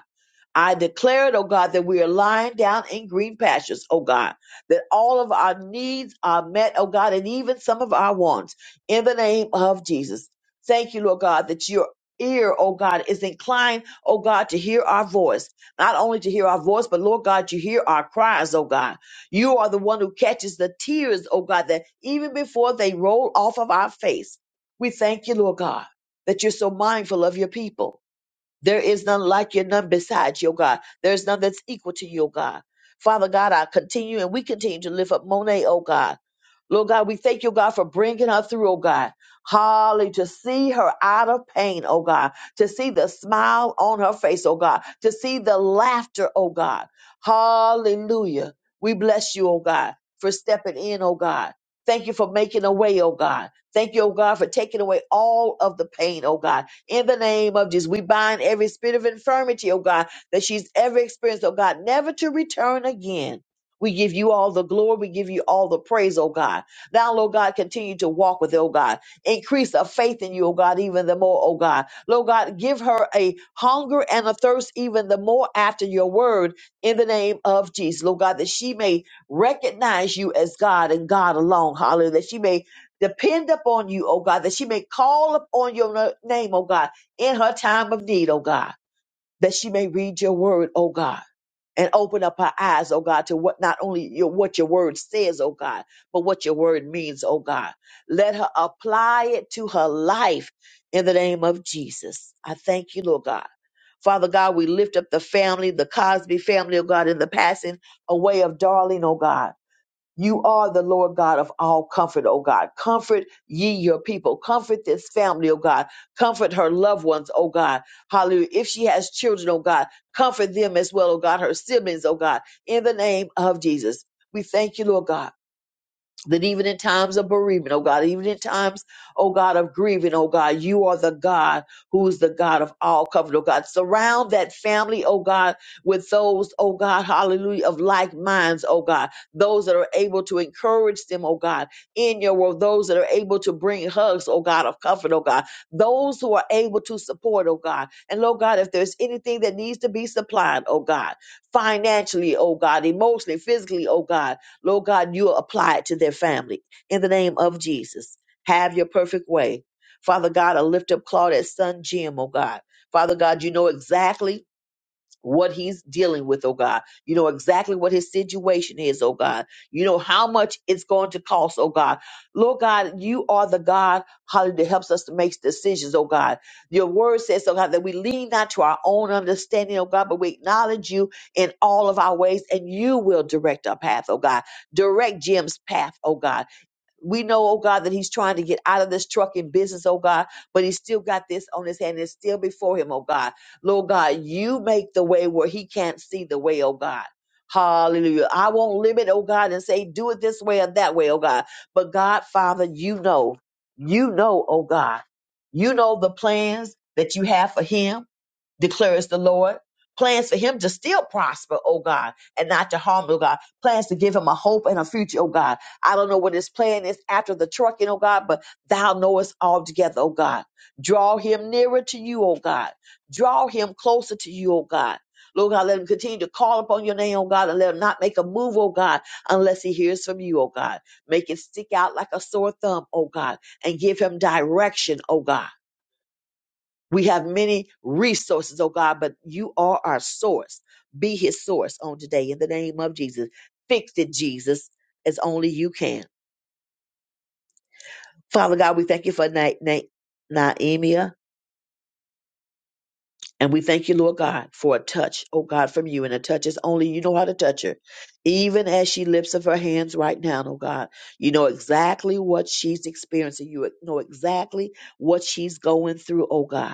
Speaker 1: I declare it, oh God, that we are lying down in green pastures, oh God, that all of our needs are met, oh God, and even some of our wants in the name of Jesus. Thank you, Lord God, that your ear, oh God, is inclined, oh God, to hear our voice. Not only to hear our voice, but Lord God, you hear our cries, oh God. You are the one who catches the tears, oh God, that even before they roll off of our face, we thank you, Lord God, that you're so mindful of your people. There is none like you, none besides your God. There's none that's equal to you, God. Father God, I continue and we continue to lift up Monet, oh God. Lord God, we thank you, God, for bringing her through, oh God. Holly, to see her out of pain, oh God, to see the smile on her face, oh God, to see the laughter, oh God. Hallelujah. We bless you, oh God, for stepping in, oh God. Thank you for making a way, oh God. Thank you, oh God, for taking away all of the pain, oh God. In the name of Jesus, we bind every spirit of infirmity, oh God, that she's ever experienced, oh God, never to return again. We give you all the glory. We give you all the praise, oh God. Thou, Lord God, continue to walk with, oh God. Increase our faith in you, oh God, even the more, oh God. Lord God, give her a hunger and a thirst even the more after your word in the name of Jesus, Lord God, that she may recognize you as God and God alone. Hallelujah. That she may depend upon you, oh God, that she may call upon your na- name, oh God, in her time of need, oh God, that she may read your word, oh God and open up our eyes, oh God, to what not only your, what your word says, oh God, but what your word means, oh God. Let her apply it to her life in the name of Jesus. I thank you, Lord God. Father God, we lift up the family, the Cosby family, oh God, in the passing away of Darlene, oh God. You are the Lord God of all comfort, O God. Comfort ye your people. Comfort this family, O God. Comfort her loved ones, O God. Hallelujah. If she has children, O God, comfort them as well, O God, her siblings, O God, in the name of Jesus. We thank you, Lord God that even in times of bereavement, oh God, even in times, oh God, of grieving, oh God, you are the God who is the God of all comfort, oh God. Surround that family, oh God, with those, oh God, hallelujah, of like minds, oh God, those that are able to encourage them, oh God, in your world, those that are able to bring hugs, oh God, of comfort, oh God, those who are able to support, oh God. And Lord God, if there's anything that needs to be supplied, oh God, financially, oh God, emotionally, physically, oh God, Lord God, you apply it to their family in the name of Jesus. Have your perfect way. Father God, I lift up Claudette's son, Jim, oh God. Father God, you know exactly what he's dealing with, oh God. You know exactly what his situation is, oh God. You know how much it's going to cost, oh God. Lord God, you are the God, hallelujah, that helps us to make decisions, oh God. Your word says, oh God, that we lean not to our own understanding, oh God, but we acknowledge you in all of our ways and you will direct our path, oh God. Direct Jim's path, oh God. We know, oh God, that he's trying to get out of this trucking business, oh God, but he's still got this on his hand. It's still before him, oh God. Lord God, you make the way where he can't see the way, oh God. Hallelujah. I won't limit, oh God, and say, do it this way or that way, oh God. But God, Father, you know, you know, oh God, you know the plans that you have for him declares the Lord. Plans for him to still prosper, oh God, and not to harm, oh God. Plans to give him a hope and a future, oh God. I don't know what his plan is after the trucking, oh God, but thou knowest altogether, oh God. Draw him nearer to you, oh God. Draw him closer to you, oh God. Lord God, let him continue to call upon your name, oh God, and let him not make a move, oh God, unless he hears from you, oh God. Make it stick out like a sore thumb, oh God, and give him direction, oh God we have many resources, oh God, but you are our source. Be his source on today in the name of Jesus. Fix it, Jesus, as only you can. Father God, we thank you for Na- Na- Naemia. And we thank you, Lord God, for a touch, oh God, from you. And a touch is only you know how to touch her. Even as she lifts up her hands right now, oh God, you know exactly what she's experiencing. You know exactly what she's going through, oh God.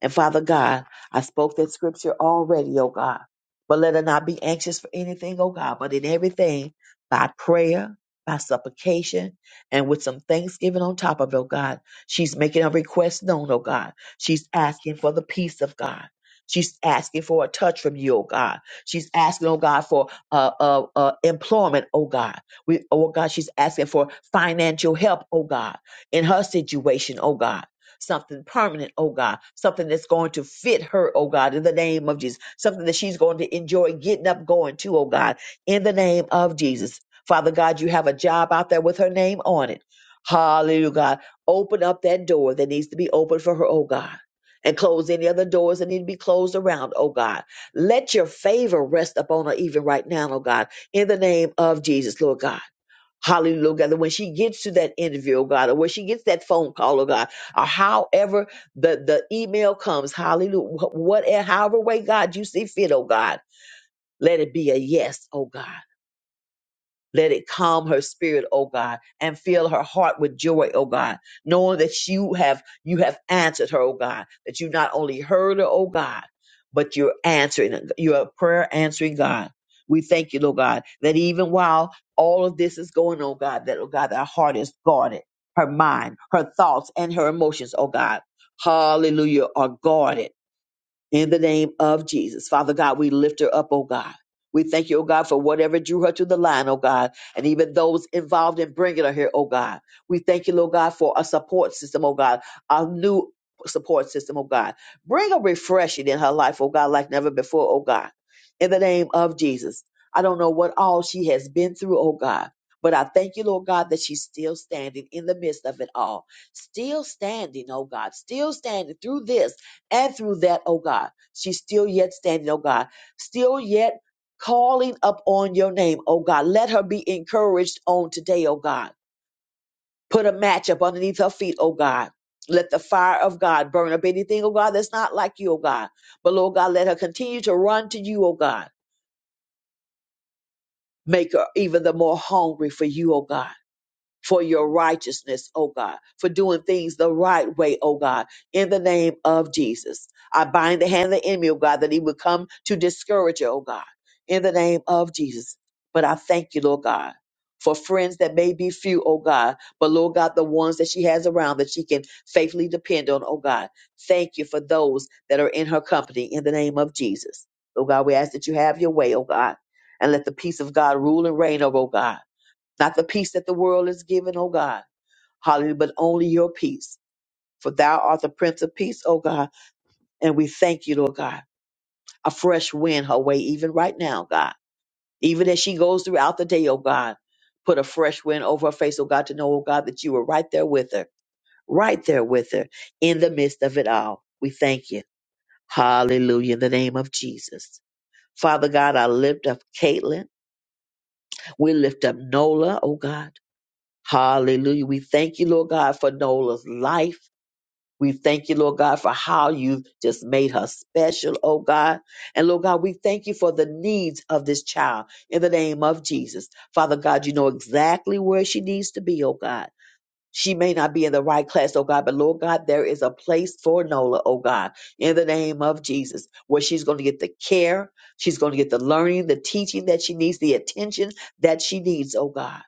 Speaker 1: And Father God, I spoke that scripture already, oh God. But let her not be anxious for anything, oh God, but in everything, by prayer, by supplication, and with some thanksgiving on top of it, oh God. She's making a request known, oh God. She's asking for the peace of God. She's asking for a touch from you, oh God. She's asking, oh God, for uh, uh, uh, employment, oh God. We, oh God, she's asking for financial help, oh God, in her situation, oh God something permanent, oh God, something that's going to fit her, oh God, in the name of Jesus, something that she's going to enjoy getting up going to, oh God, in the name of Jesus. Father God, you have a job out there with her name on it. Hallelujah, God. Open up that door that needs to be opened for her, oh God. And close any other doors that need to be closed around, oh God. Let your favor rest upon her even right now, oh God, in the name of Jesus, Lord God. Hallelujah, God, that when she gets to that interview, oh God, or when she gets that phone call, oh God, or however the, the email comes, hallelujah, wh- what, however way, God, you see fit, oh God, let it be a yes, oh God. Let it calm her spirit, oh God, and fill her heart with joy, oh God, knowing that you have you have answered her, oh God, that you not only heard her, oh God, but you're answering, you're a prayer answering God. We thank you, Lord God, that even while all of this is going on, God, that oh God, our heart is guarded, her mind, her thoughts, and her emotions, oh God. Hallelujah, are guarded in the name of Jesus. Father God, we lift her up, oh God. We thank you, oh God, for whatever drew her to the line, oh God, and even those involved in bringing her here, oh God. We thank you, Lord God, for a support system, oh God, a new support system, oh God. Bring a refreshing in her life, oh God, like never before, oh God. In the name of Jesus. I don't know what all she has been through, oh God, but I thank you, Lord God, that she's still standing in the midst of it all. Still standing, oh God, still standing through this and through that, oh God, she's still yet standing, oh God, still yet calling up on your name, oh God. Let her be encouraged on today, oh God. Put a match up underneath her feet, oh God. Let the fire of God burn up anything, oh God, that's not like you, oh God. But Lord God, let her continue to run to you, oh God. Make her even the more hungry for you, oh God. for your righteousness, oh God, for doing things the right way, oh God, in the name of Jesus. I bind the hand of the enemy, oh God, that he would come to discourage you, oh God, in the name of Jesus. But I thank you, Lord God, for friends that may be few, oh God, but Lord God, the ones that she has around that she can faithfully depend on, oh God. Thank you for those that are in her company in the name of Jesus. Oh God, we ask that you have your way, oh God, and let the peace of God rule and reign, oh God not the peace that the world is giving, O God. Hallelujah, but only your peace. For thou art the Prince of Peace, O God. And we thank you, Lord God. A fresh wind her way, even right now, God. Even as she goes throughout the day, O God. Put a fresh wind over her face, O God, to know, O God, that you were right there with her, right there with her in the midst of it all. We thank you. Hallelujah, in the name of Jesus. Father God, I lift up Caitlin. We lift up Nola, O God. Hallelujah. We thank you, Lord God, for Nola's life. We thank you, Lord God, for how you just made her special, oh God. And Lord God, we thank you for the needs of this child in the name of Jesus. Father God, you know exactly where she needs to be, oh God. She may not be in the right class, oh God, but Lord God, there is a place for Nola, oh God, in the name of Jesus, where she's going to get the care, she's going to get the learning, the teaching that she needs, the attention that she needs, oh God.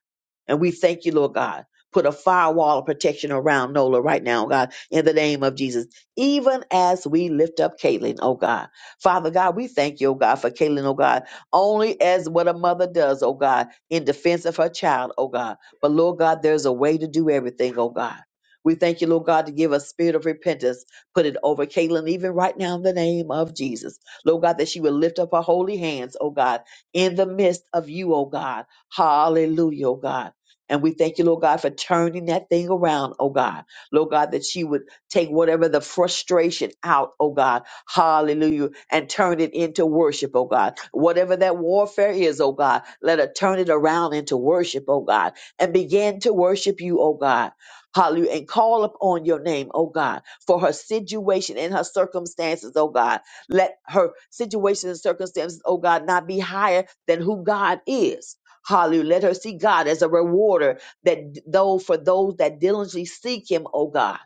Speaker 1: And we thank you, Lord God. Put a firewall of protection around Nola right now, God, in the name of Jesus. Even as we lift up Caitlin, oh God. Father God, we thank you, oh God, for Caitlin, oh God, only as what a mother does, oh God, in defense of her child, oh God. But Lord God, there's a way to do everything, oh God. We thank you, Lord God, to give us spirit of repentance. Put it over Caitlin, even right now in the name of Jesus. Lord God, that she will lift up her holy hands, oh God, in the midst of you, oh God. Hallelujah, oh God. And we thank you, Lord God, for turning that thing around, oh God. Lord God, that she would take whatever the frustration out, oh God. Hallelujah. And turn it into worship, oh God. Whatever that warfare is, oh God, let her turn it around into worship, oh God and began to worship you, oh God. Hallelujah. And call upon your name, oh God, for her situation and her circumstances, oh God. Let her situation and circumstances, oh God, not be higher than who God is. Hallelujah. Let her see God as a rewarder that though for those that diligently seek him, oh God.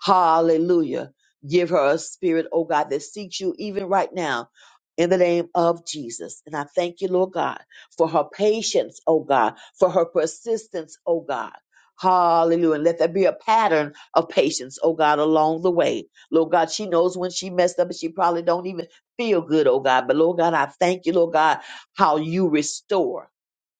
Speaker 1: Hallelujah. Give her a spirit, oh God, that seeks you even right now in the name of Jesus. And I thank you, Lord God for her patience, oh God, for her persistence, oh God. Hallelujah. And let there be a pattern of patience, oh God, along the way. Lord God, she knows when she messed up and she probably don't even feel good, oh God. But Lord God, I thank you, Lord God, how you restore.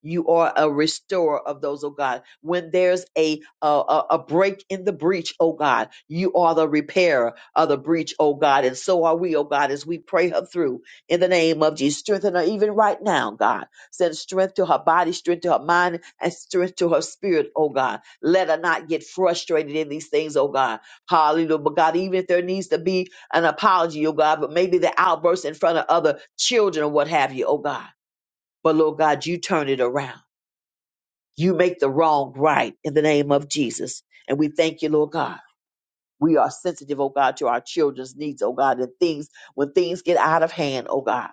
Speaker 1: You are a restorer of those, oh God. When there's a, a a a break in the breach, oh God, you are the repairer of the breach, oh God. And so are we, oh God, as we pray her through in the name of Jesus. Strengthen her even right now, God. Send strength to her body, strength to her mind, and strength to her spirit, oh God. Let her not get frustrated in these things, oh God. Hallelujah. But God, even if there needs to be an apology, oh God, but maybe the outburst in front of other children or what have you, oh God. But Lord God, you turn it around. You make the wrong right in the name of Jesus. And we thank you, Lord God. We are sensitive, oh God, to our children's needs, oh God, and things when things get out of hand, oh God.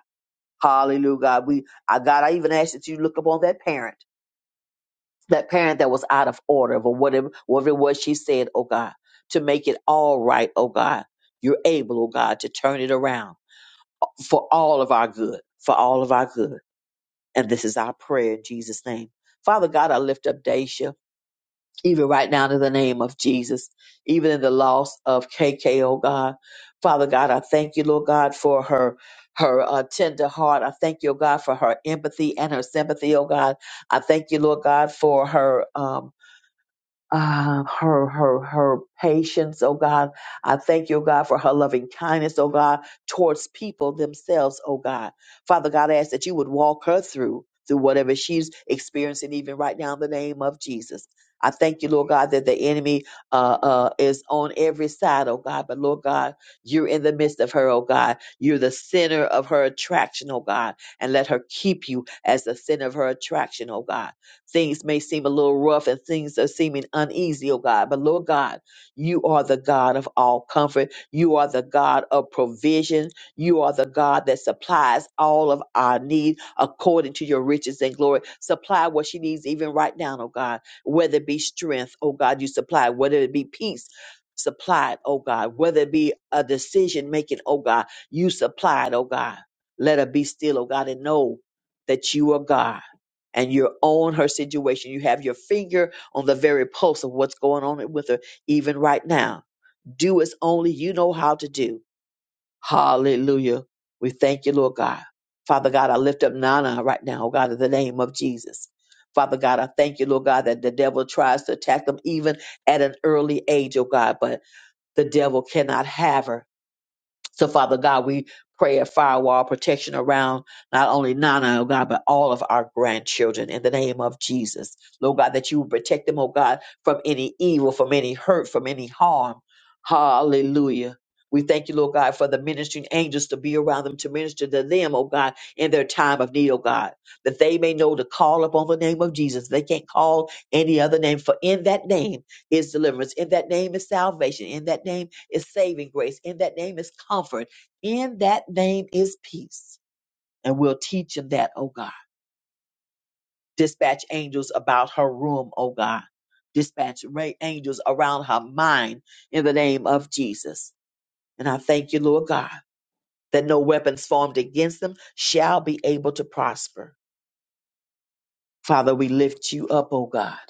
Speaker 1: Hallelujah, God. We, I, God, I even ask that you look upon that parent. that parent that was out of order or whatever, whatever it was she said, oh God, to make it all right, oh God. You're able, oh God, to turn it around for all of our good, for all of our good. And this is our prayer in Jesus' name. Father God, I lift up Daisha, even right now in the name of Jesus, even in the loss of KK, oh God. Father God, I thank you, Lord God, for her her uh, tender heart. I thank you, oh God, for her empathy and her sympathy, oh God. I thank you, Lord God, for her um, uh, her her her patience, oh God. I thank you, oh God, for her loving kindness, oh God, towards people themselves, oh God. Father God, I ask that you would walk her through through whatever she's experiencing even right now in the name of Jesus. I thank you, Lord God, that the enemy uh, uh, is on every side, oh God. But Lord God, you're in the midst of her, oh God. You're the center of her attraction, oh God. And let her keep you as the center of her attraction, oh God. Things may seem a little rough and things are seeming uneasy, oh God. But Lord God, you are the God of all comfort. You are the God of provision. You are the God that supplies all of our need according to your riches and glory. Supply what she needs even right now, oh God. Whether it be strength, oh God, you supply. Whether it be peace, supplied, oh God. Whether it be a decision making, oh God, you supplied, oh God. Let her be still, oh God, and know that you are God and you're on her situation. You have your finger on the very pulse of what's going on with her, even right now. Do as only you know how to do. Hallelujah. We thank you, Lord God. Father God, I lift up Nana right now, oh God, in the name of Jesus. Father God, I thank you, Lord God, that the devil tries to attack them even at an early age, oh God, but the devil cannot have her. So, Father God, we pray a firewall protection around not only Nana, oh God, but all of our grandchildren in the name of Jesus. Lord God, that you would protect them, oh God, from any evil, from any hurt, from any harm. Hallelujah. We thank you, Lord God, for the ministering angels to be around them, to minister to them, oh God, in their time of need, oh God, that they may know to call upon the name of Jesus. They can't call any other name, for in that name is deliverance. In that name is salvation. In that name is saving grace. In that name is comfort. In that name is peace. And we'll teach him that, oh God. Dispatch angels about her room, oh God. Dispatch ra- angels around her mind in the name of Jesus. And I thank you, Lord God, that no weapons formed against them shall be able to prosper. Father, we lift you up, oh God.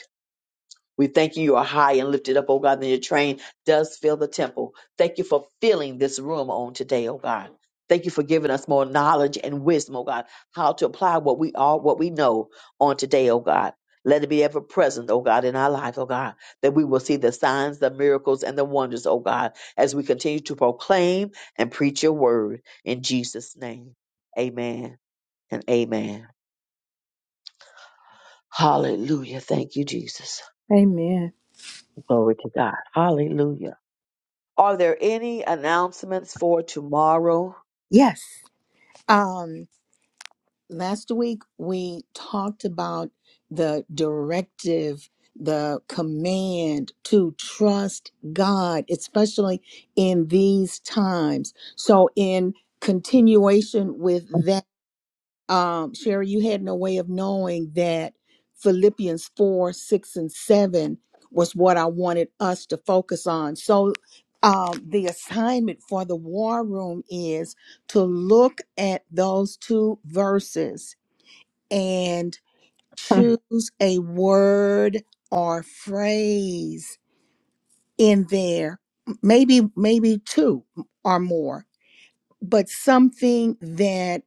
Speaker 1: We thank you, you are high and lifted up, oh God, and your train does fill the temple. Thank you for filling this room on today, oh God. Thank you for giving us more knowledge and wisdom, oh God, how to apply what we are, what we know on today, oh God. Let it be ever present, oh God, in our life, oh God, that we will see the signs, the miracles, and the wonders, oh God, as we continue to proclaim and preach your word in Jesus' name. Amen and amen. Hallelujah. Thank you, Jesus.
Speaker 2: Amen.
Speaker 1: Glory to God. Hallelujah. Are there any announcements for tomorrow?
Speaker 2: Yes. last week we talked about the directive the command to trust god especially in these times so in continuation with that um sherry you had no way of knowing that philippians 4 6 and 7 was what i wanted us to focus on so um, the assignment for the war room is to look at those two verses and choose a word or phrase in there maybe maybe two or more but something that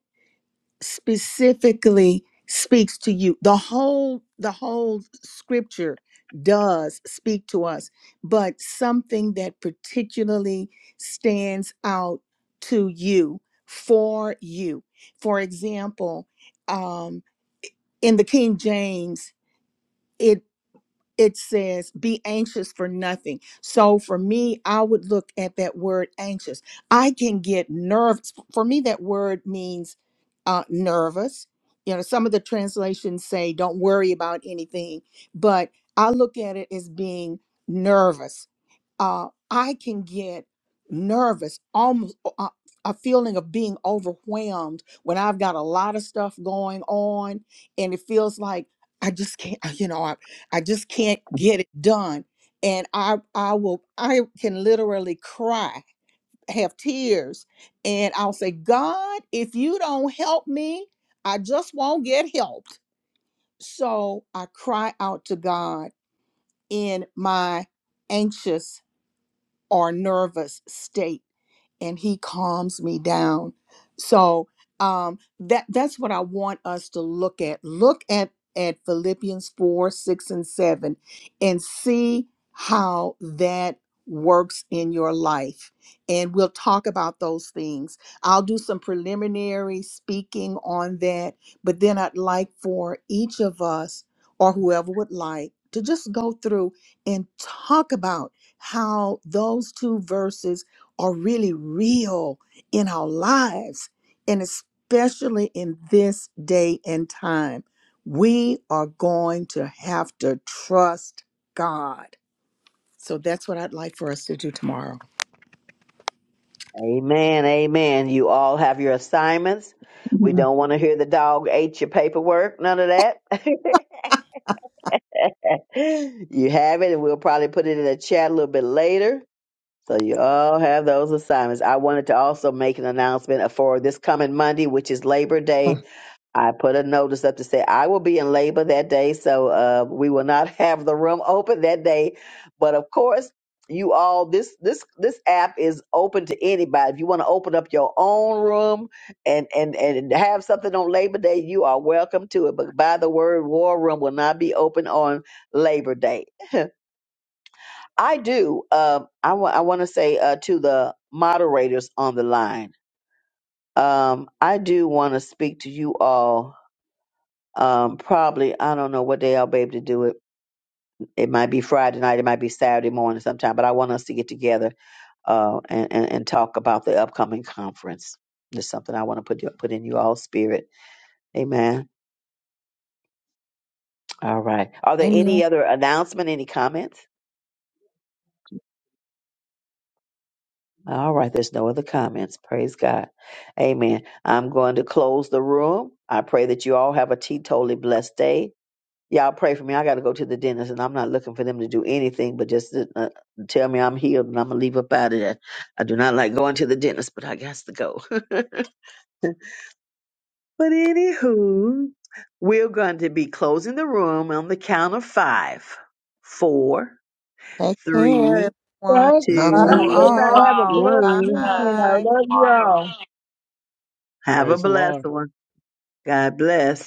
Speaker 2: specifically speaks to you the whole the whole scripture does speak to us but something that particularly stands out to you for you for example um in the king james it. it says be anxious for nothing so for me i would look at that word anxious i can get nervous. for me that word means uh, nervous you know some of the translations say don't worry about anything but i look at it as being nervous uh, I can get nervous, almost uh, a feeling of being overwhelmed when I've got a lot of stuff going on, and it feels like I just can't, uh, you know, I, I just can't get it done, and I I will I can literally cry, have tears, and I'll say, God, if you don't help me, I just won't get helped. So I cry out to God in my anxious or nervous state and he calms me down so um that that's what i want us to look at look at at philippians 4 6 and 7 and see how that works in your life and we'll talk about those things i'll do some preliminary speaking on that but then i'd like for each of us or whoever would like to just go through and talk about how those two verses are really real in our lives, and especially in this day and time. We are going to have to trust God. So that's what I'd like for us to do tomorrow.
Speaker 1: Amen, amen. You all have your assignments. We
Speaker 14: Mhm.
Speaker 1: don't want to hear the dog ate your paperwork, none of that. you have it, and we'll probably put it in the chat a little bit later. So you all have those assignments. I wanted to also make an announcement for this coming Monday, which is Labor Day. I put a notice up to say I will be in labor that day, so uh, we will not have the room open that day. But of course, you all this this this app is open to anybody. If you want to open up your own room and and and have something on Labor Day, you are welcome to it. But by the word, War Room will not be open on Labor Day. I do. Um, I want I want to say uh, to the moderators on the line. Um, I do want to speak to you all Um, probably I don't know what day I'll be able to do it. It might be Friday night, it might be Saturday morning sometime. But I want us to get together uh, and, and and talk about the upcoming conference. There's something I want to put put in you all spirit. Amen. All right. Are there
Speaker 2: Amen.
Speaker 1: any other announcement? Any comments? All right. There's no other comments. Praise God. Amen. I'm going to close the room. I pray that you all have a teetotally blessed day Y'all pray for me. I got to go to the dentist, and I'm not looking for them to do anything but just to, uh, tell me I'm healed and I'm going to leave up out of there. I do not like going to the dentist, but I got to go. But anywho, we're going to be closing the room on the count of five, four,
Speaker 2: Take care,
Speaker 1: three,
Speaker 2: everyone.
Speaker 5: Thanks,
Speaker 9: love
Speaker 2: Love
Speaker 5: uh,
Speaker 9: you
Speaker 7: Yes,
Speaker 1: two,
Speaker 2: you.
Speaker 5: everybody
Speaker 9: all.
Speaker 5: have a
Speaker 7: Paul.
Speaker 5: blessed
Speaker 1: one.
Speaker 7: Love
Speaker 5: weekend. I
Speaker 7: you
Speaker 2: Bye.
Speaker 5: love you
Speaker 7: tomorrow.
Speaker 5: all.
Speaker 1: Have a
Speaker 12: Praise the Lord.
Speaker 1: blessed one. God bless.